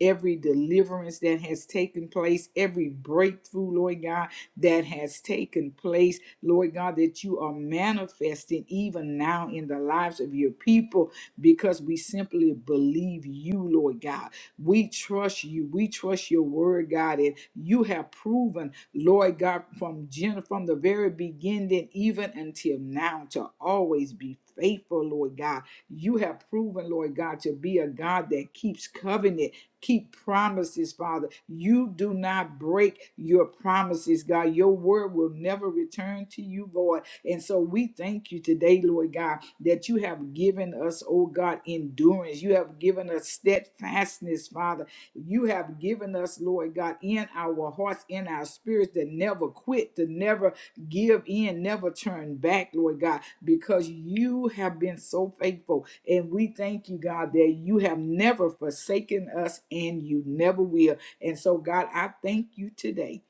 [SPEAKER 3] every deliverance that has taken place, every breakthrough, Lord God, that has taken place, Lord God, that you are manifesting even now in the lives of your people because we simply believe you, Lord God. We trust you. We trust your word, God, and you have proven, Lord God, from Jen, from the very beginning, even until now, to always be faithful, Lord God. You have proven, Lord God, to be a God that keeps covenant keep promises, Father. You do not break your promises, God. Your word will never return to you, Lord. And so we thank you today, Lord God, that you have given us, oh God, endurance. You have given us steadfastness, Father. You have given us, Lord God, in our hearts, in our spirits, to never quit, to never give in, never turn back, Lord God, because you have been so faithful. And we thank you, God, that you have never forsaken us and you never will. And so, God, I thank you today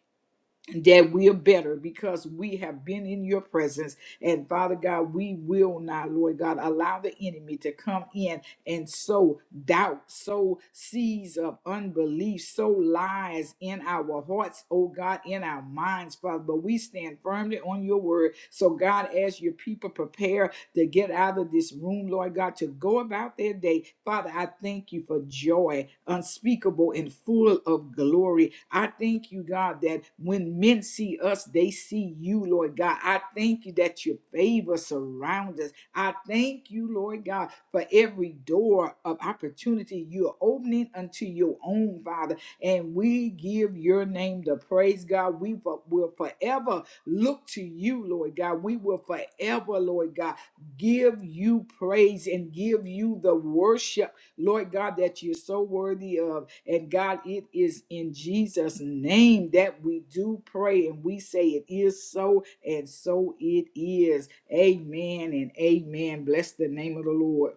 [SPEAKER 3] that we are better because we have been in your presence. And Father God, we will not, Lord God, allow the enemy to come in and sow doubt, sow seeds of unbelief, sow lies in our hearts, oh God, in our minds, Father. But we stand firmly on your word. So, God, as your people prepare to get out of this room, Lord God, to go about their day. Father, I thank you for joy unspeakable and full of glory. I thank you, God, that when men see us, they see you, Lord God. I thank you that your favor surrounds us. I thank you, Lord God, for every door of opportunity you are opening unto your own, Father. And we give your name the praise, God. We fo- will forever look to you, Lord God. We will forever, Lord God give you praise and give you the worship, Lord God, that you're so worthy of. And God, it is in Jesus' name that we do pray and we say it is so, and so it is. Amen and amen. Bless the name of the Lord.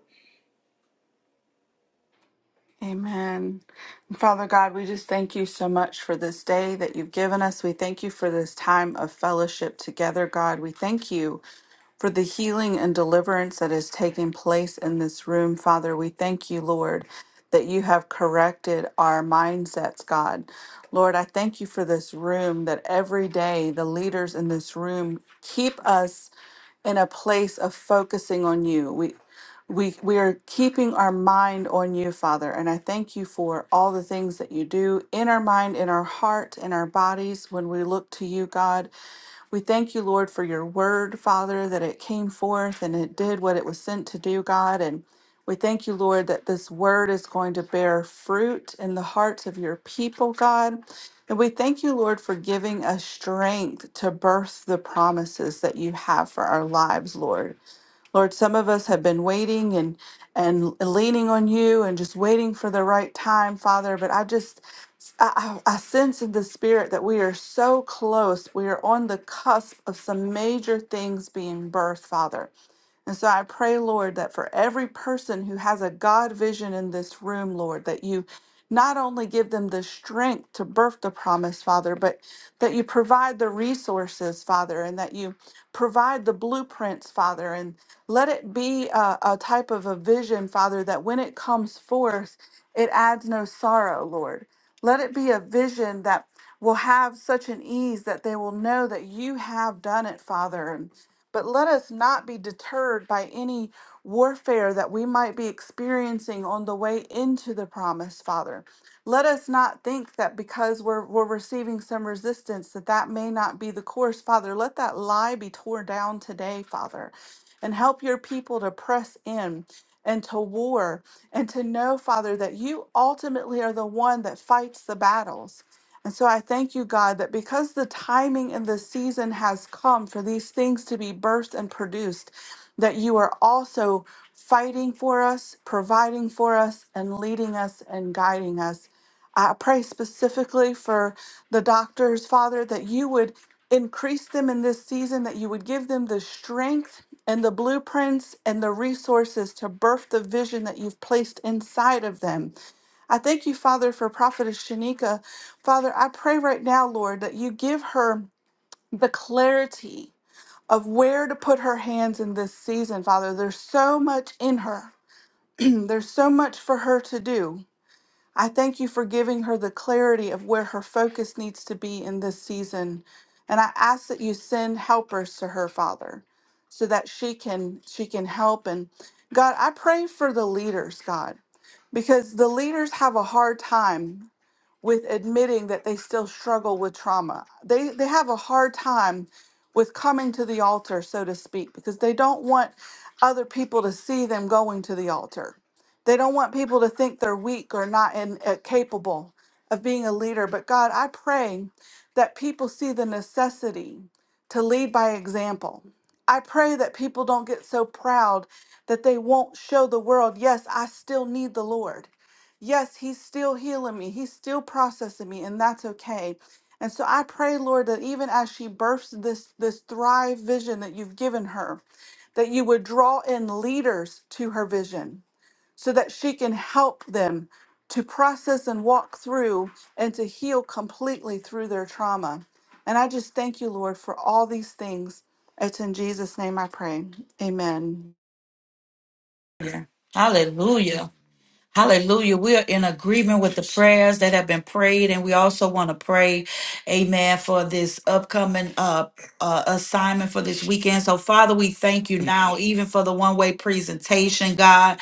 [SPEAKER 6] Amen. And Father God, we just thank you so much for this day that you've given us. We thank you for this time of fellowship together, God. We thank you for the healing and deliverance that is taking place in this room, Father. We thank you, Lord, that you have corrected our mindsets, God. Lord, I thank you for this room that every day the leaders in this room keep us in a place of focusing on you. We we we are keeping our mind on you, Father, and I thank you for all the things that you do in our mind, in our heart, in our bodies when we look to you, God. We thank you, Lord, for your word, Father, that it came forth and it did what it was sent to do, God. And we thank you, Lord, that this word is going to bear fruit in the hearts of your people, God. And we thank you, Lord, for giving us strength to birth the promises that you have for our lives, Lord. Lord, some of us have been waiting and and leaning on you and just waiting for the right time, Father. But I just I, I I sense in the spirit that we are so close. We are on the cusp of some major things being birthed, Father. And so I pray, Lord, that for every person who has a God vision in this room, Lord, that you not only give them the strength to birth the promise, Father, but that you provide the resources, Father, and that you provide the blueprints, Father, and let it be a, a type of a vision, Father, that when it comes forth, it adds no sorrow, Lord. Let it be a vision that will have such an ease that they will know that you have done it, Father, but let us not be deterred by any warfare that we might be experiencing on the way into the promise, Father. Let us not think that because we're, we're receiving some resistance that that may not be the course, Father. Let that lie be torn down today, Father, and help your people to press in and to war and to know, Father, that you ultimately are the one that fights the battles. And so I thank you, God, that because the timing and the season has come for these things to be birthed and produced, that you are also fighting for us, providing for us, and leading us and guiding us. I pray specifically for the doctors, Father, that you would increase them in this season, that you would give them the strength and the blueprints and the resources to birth the vision that you've placed inside of them. I thank you, Father, for Prophetess Shanika. Father, I pray right now, Lord, that you give her the clarity of where to put her hands in this season, Father. There's so much in her, [clears throat] there's so much for her to do. I thank you for giving her the clarity of where her focus needs to be in this season. And I ask that you send helpers to her, Father, so that she can she can help and God, I pray for the leaders, God because the leaders have a hard time with admitting that they still struggle with trauma. They they have a hard time with coming to the altar, so to speak, because they don't want other people to see them going to the altar. They don't want people to think they're weak or not in, uh, capable of being a leader. But God, I pray that people see the necessity to lead by example. I pray that people don't get so proud that they won't show the world, yes, I still need the Lord. Yes, He's still healing me, He's still processing me, and that's okay. And so I pray, Lord, that even as she births this this thrive vision that you've given her, that you would draw in leaders to her vision so that she can help them to process and walk through and to heal completely through their trauma. And I just thank you, Lord, for all these things. It's in Jesus' name I pray. Amen.
[SPEAKER 4] Yeah. Hallelujah. Hallelujah. We are in agreement with the prayers that have been prayed, and we also want to pray, amen, for this upcoming uh, uh assignment for this weekend. So, Father, we thank you now, even for the one way presentation, God.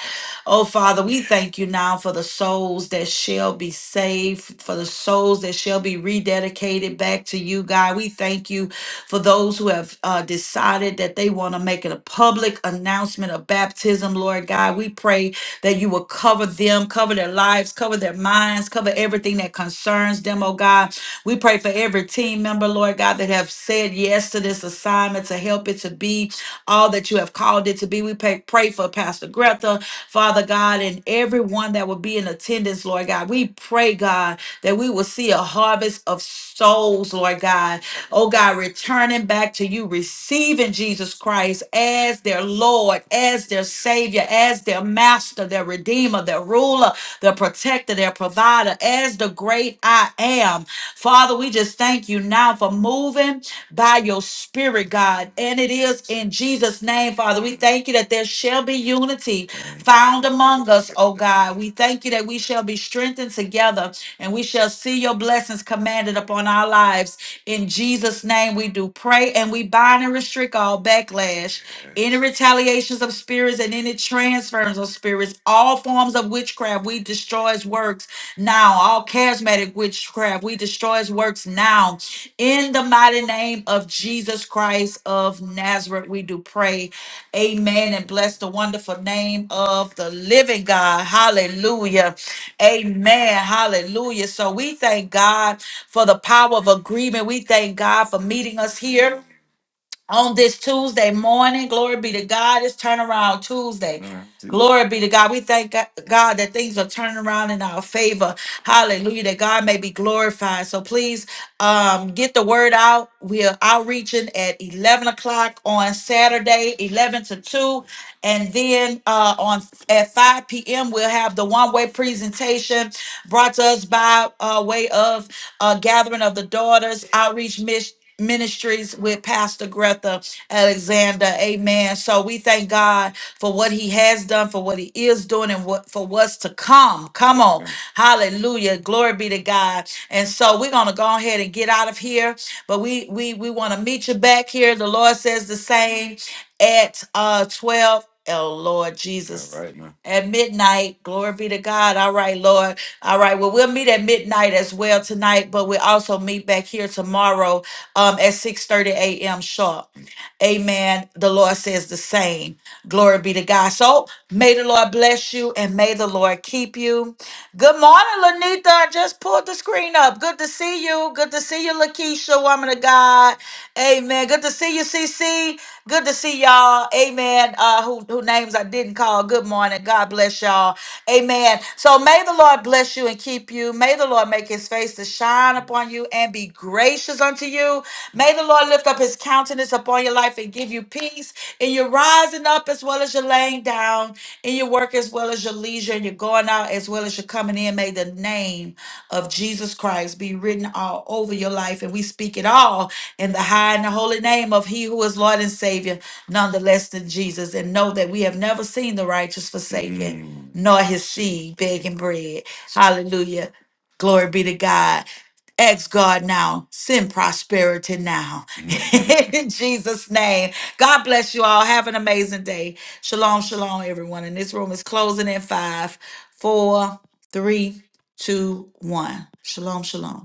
[SPEAKER 4] Oh, Father, we thank you now for the souls that shall be saved, for the souls that shall be rededicated back to you, God. We thank you for those who have uh, decided that they want to make it a public announcement of baptism, Lord God. We pray that you will cover them, cover their lives, cover their minds, cover everything that concerns them, oh God. We pray for every team member, Lord God, that have said yes to this assignment to help it to be all that you have called it to be. We pray, pray for Pastor Greta. Father God, and everyone that will be in attendance, Lord God. We pray, God, that we will see a harvest of souls, Lord God. Oh God, returning back to you, receiving Jesus Christ as their Lord, as their Savior, as their Master, their Redeemer, their Ruler, their Protector, their Provider, as the great I am. Father, we just thank you now for moving by your Spirit, God. And it is in Jesus' name, Father. We thank you that there shall be unity found among us, O God. We thank you that we shall be strengthened together and we shall see your blessings commanded upon our lives. In Jesus' name, we do pray and we bind and restrict all backlash any retaliations of spirits and any transference of spirits, all forms of witchcraft, we destroy his works now. All charismatic witchcraft, we destroy his works now. In the mighty name of Jesus Christ of Nazareth, we do pray. Amen. And bless the wonderful name of the living God. Hallelujah. Amen. Hallelujah. So we thank God for the power of agreement. We thank God for meeting us here on this Tuesday morning. Glory be to God. It's turnaround Tuesday. Mhm. Glory be to God. We thank Go- God that things are turning around in our favor. Hallelujah. That God may be glorified. So please um, get the word out. We are outreaching at 11 o'clock on Saturday, 11 to 2. And then uh, on at 5 p.m., we'll have the one way presentation brought to us by uh, way of uh, Gathering of the Daughters Outreach Mission. Ministries with Pastor Greta Alexander. Amen. So we thank God for what he has done, for what he is doing, and what for what's to come. Come on. Hallelujah. Glory be to God. And so we're gonna go ahead and get out of here. But we we we want to meet you back here. The Lord says the same at uh 12. El Lord Jesus. All right, man. At midnight, glory be to God. All right, Lord. All right. Well, we'll meet at midnight as well tonight, but we'll also meet back here tomorrow um, at 6 30 a.m. sharp. Amen. The Lord says the same. Glory be to God. So may the Lord bless you and may the Lord keep you. Good morning, Lanita. I just pulled the screen up. Good to see you. Good to see you, Lakeisha, woman of God. Amen. Good to see you, CC. Good to see y'all. Amen. Uh, who, who names I didn't call. Good morning. God bless y'all. Amen. So may the Lord bless you and keep you. May the Lord make his face to shine upon you and be gracious unto you. May the Lord lift up his countenance upon your life and give you peace in your rising up as well as well as you're laying down, in your work as well as your leisure, and you're going out as well as you're coming in. May the name of Jesus Christ be written all over your life. And we speak it all in the high and the holy name of He who is Lord and Savior, none the less than Jesus. And know that we have never seen the righteous forsaken, Mm. nor his seed begging bread. Hallelujah. Glory be to God. Ask God now, send prosperity now. [laughs] In Jesus' name. God bless you all. Have an amazing day. Shalom, shalom, everyone. And this room is closing in five, four, three, two, one. Shalom, shalom.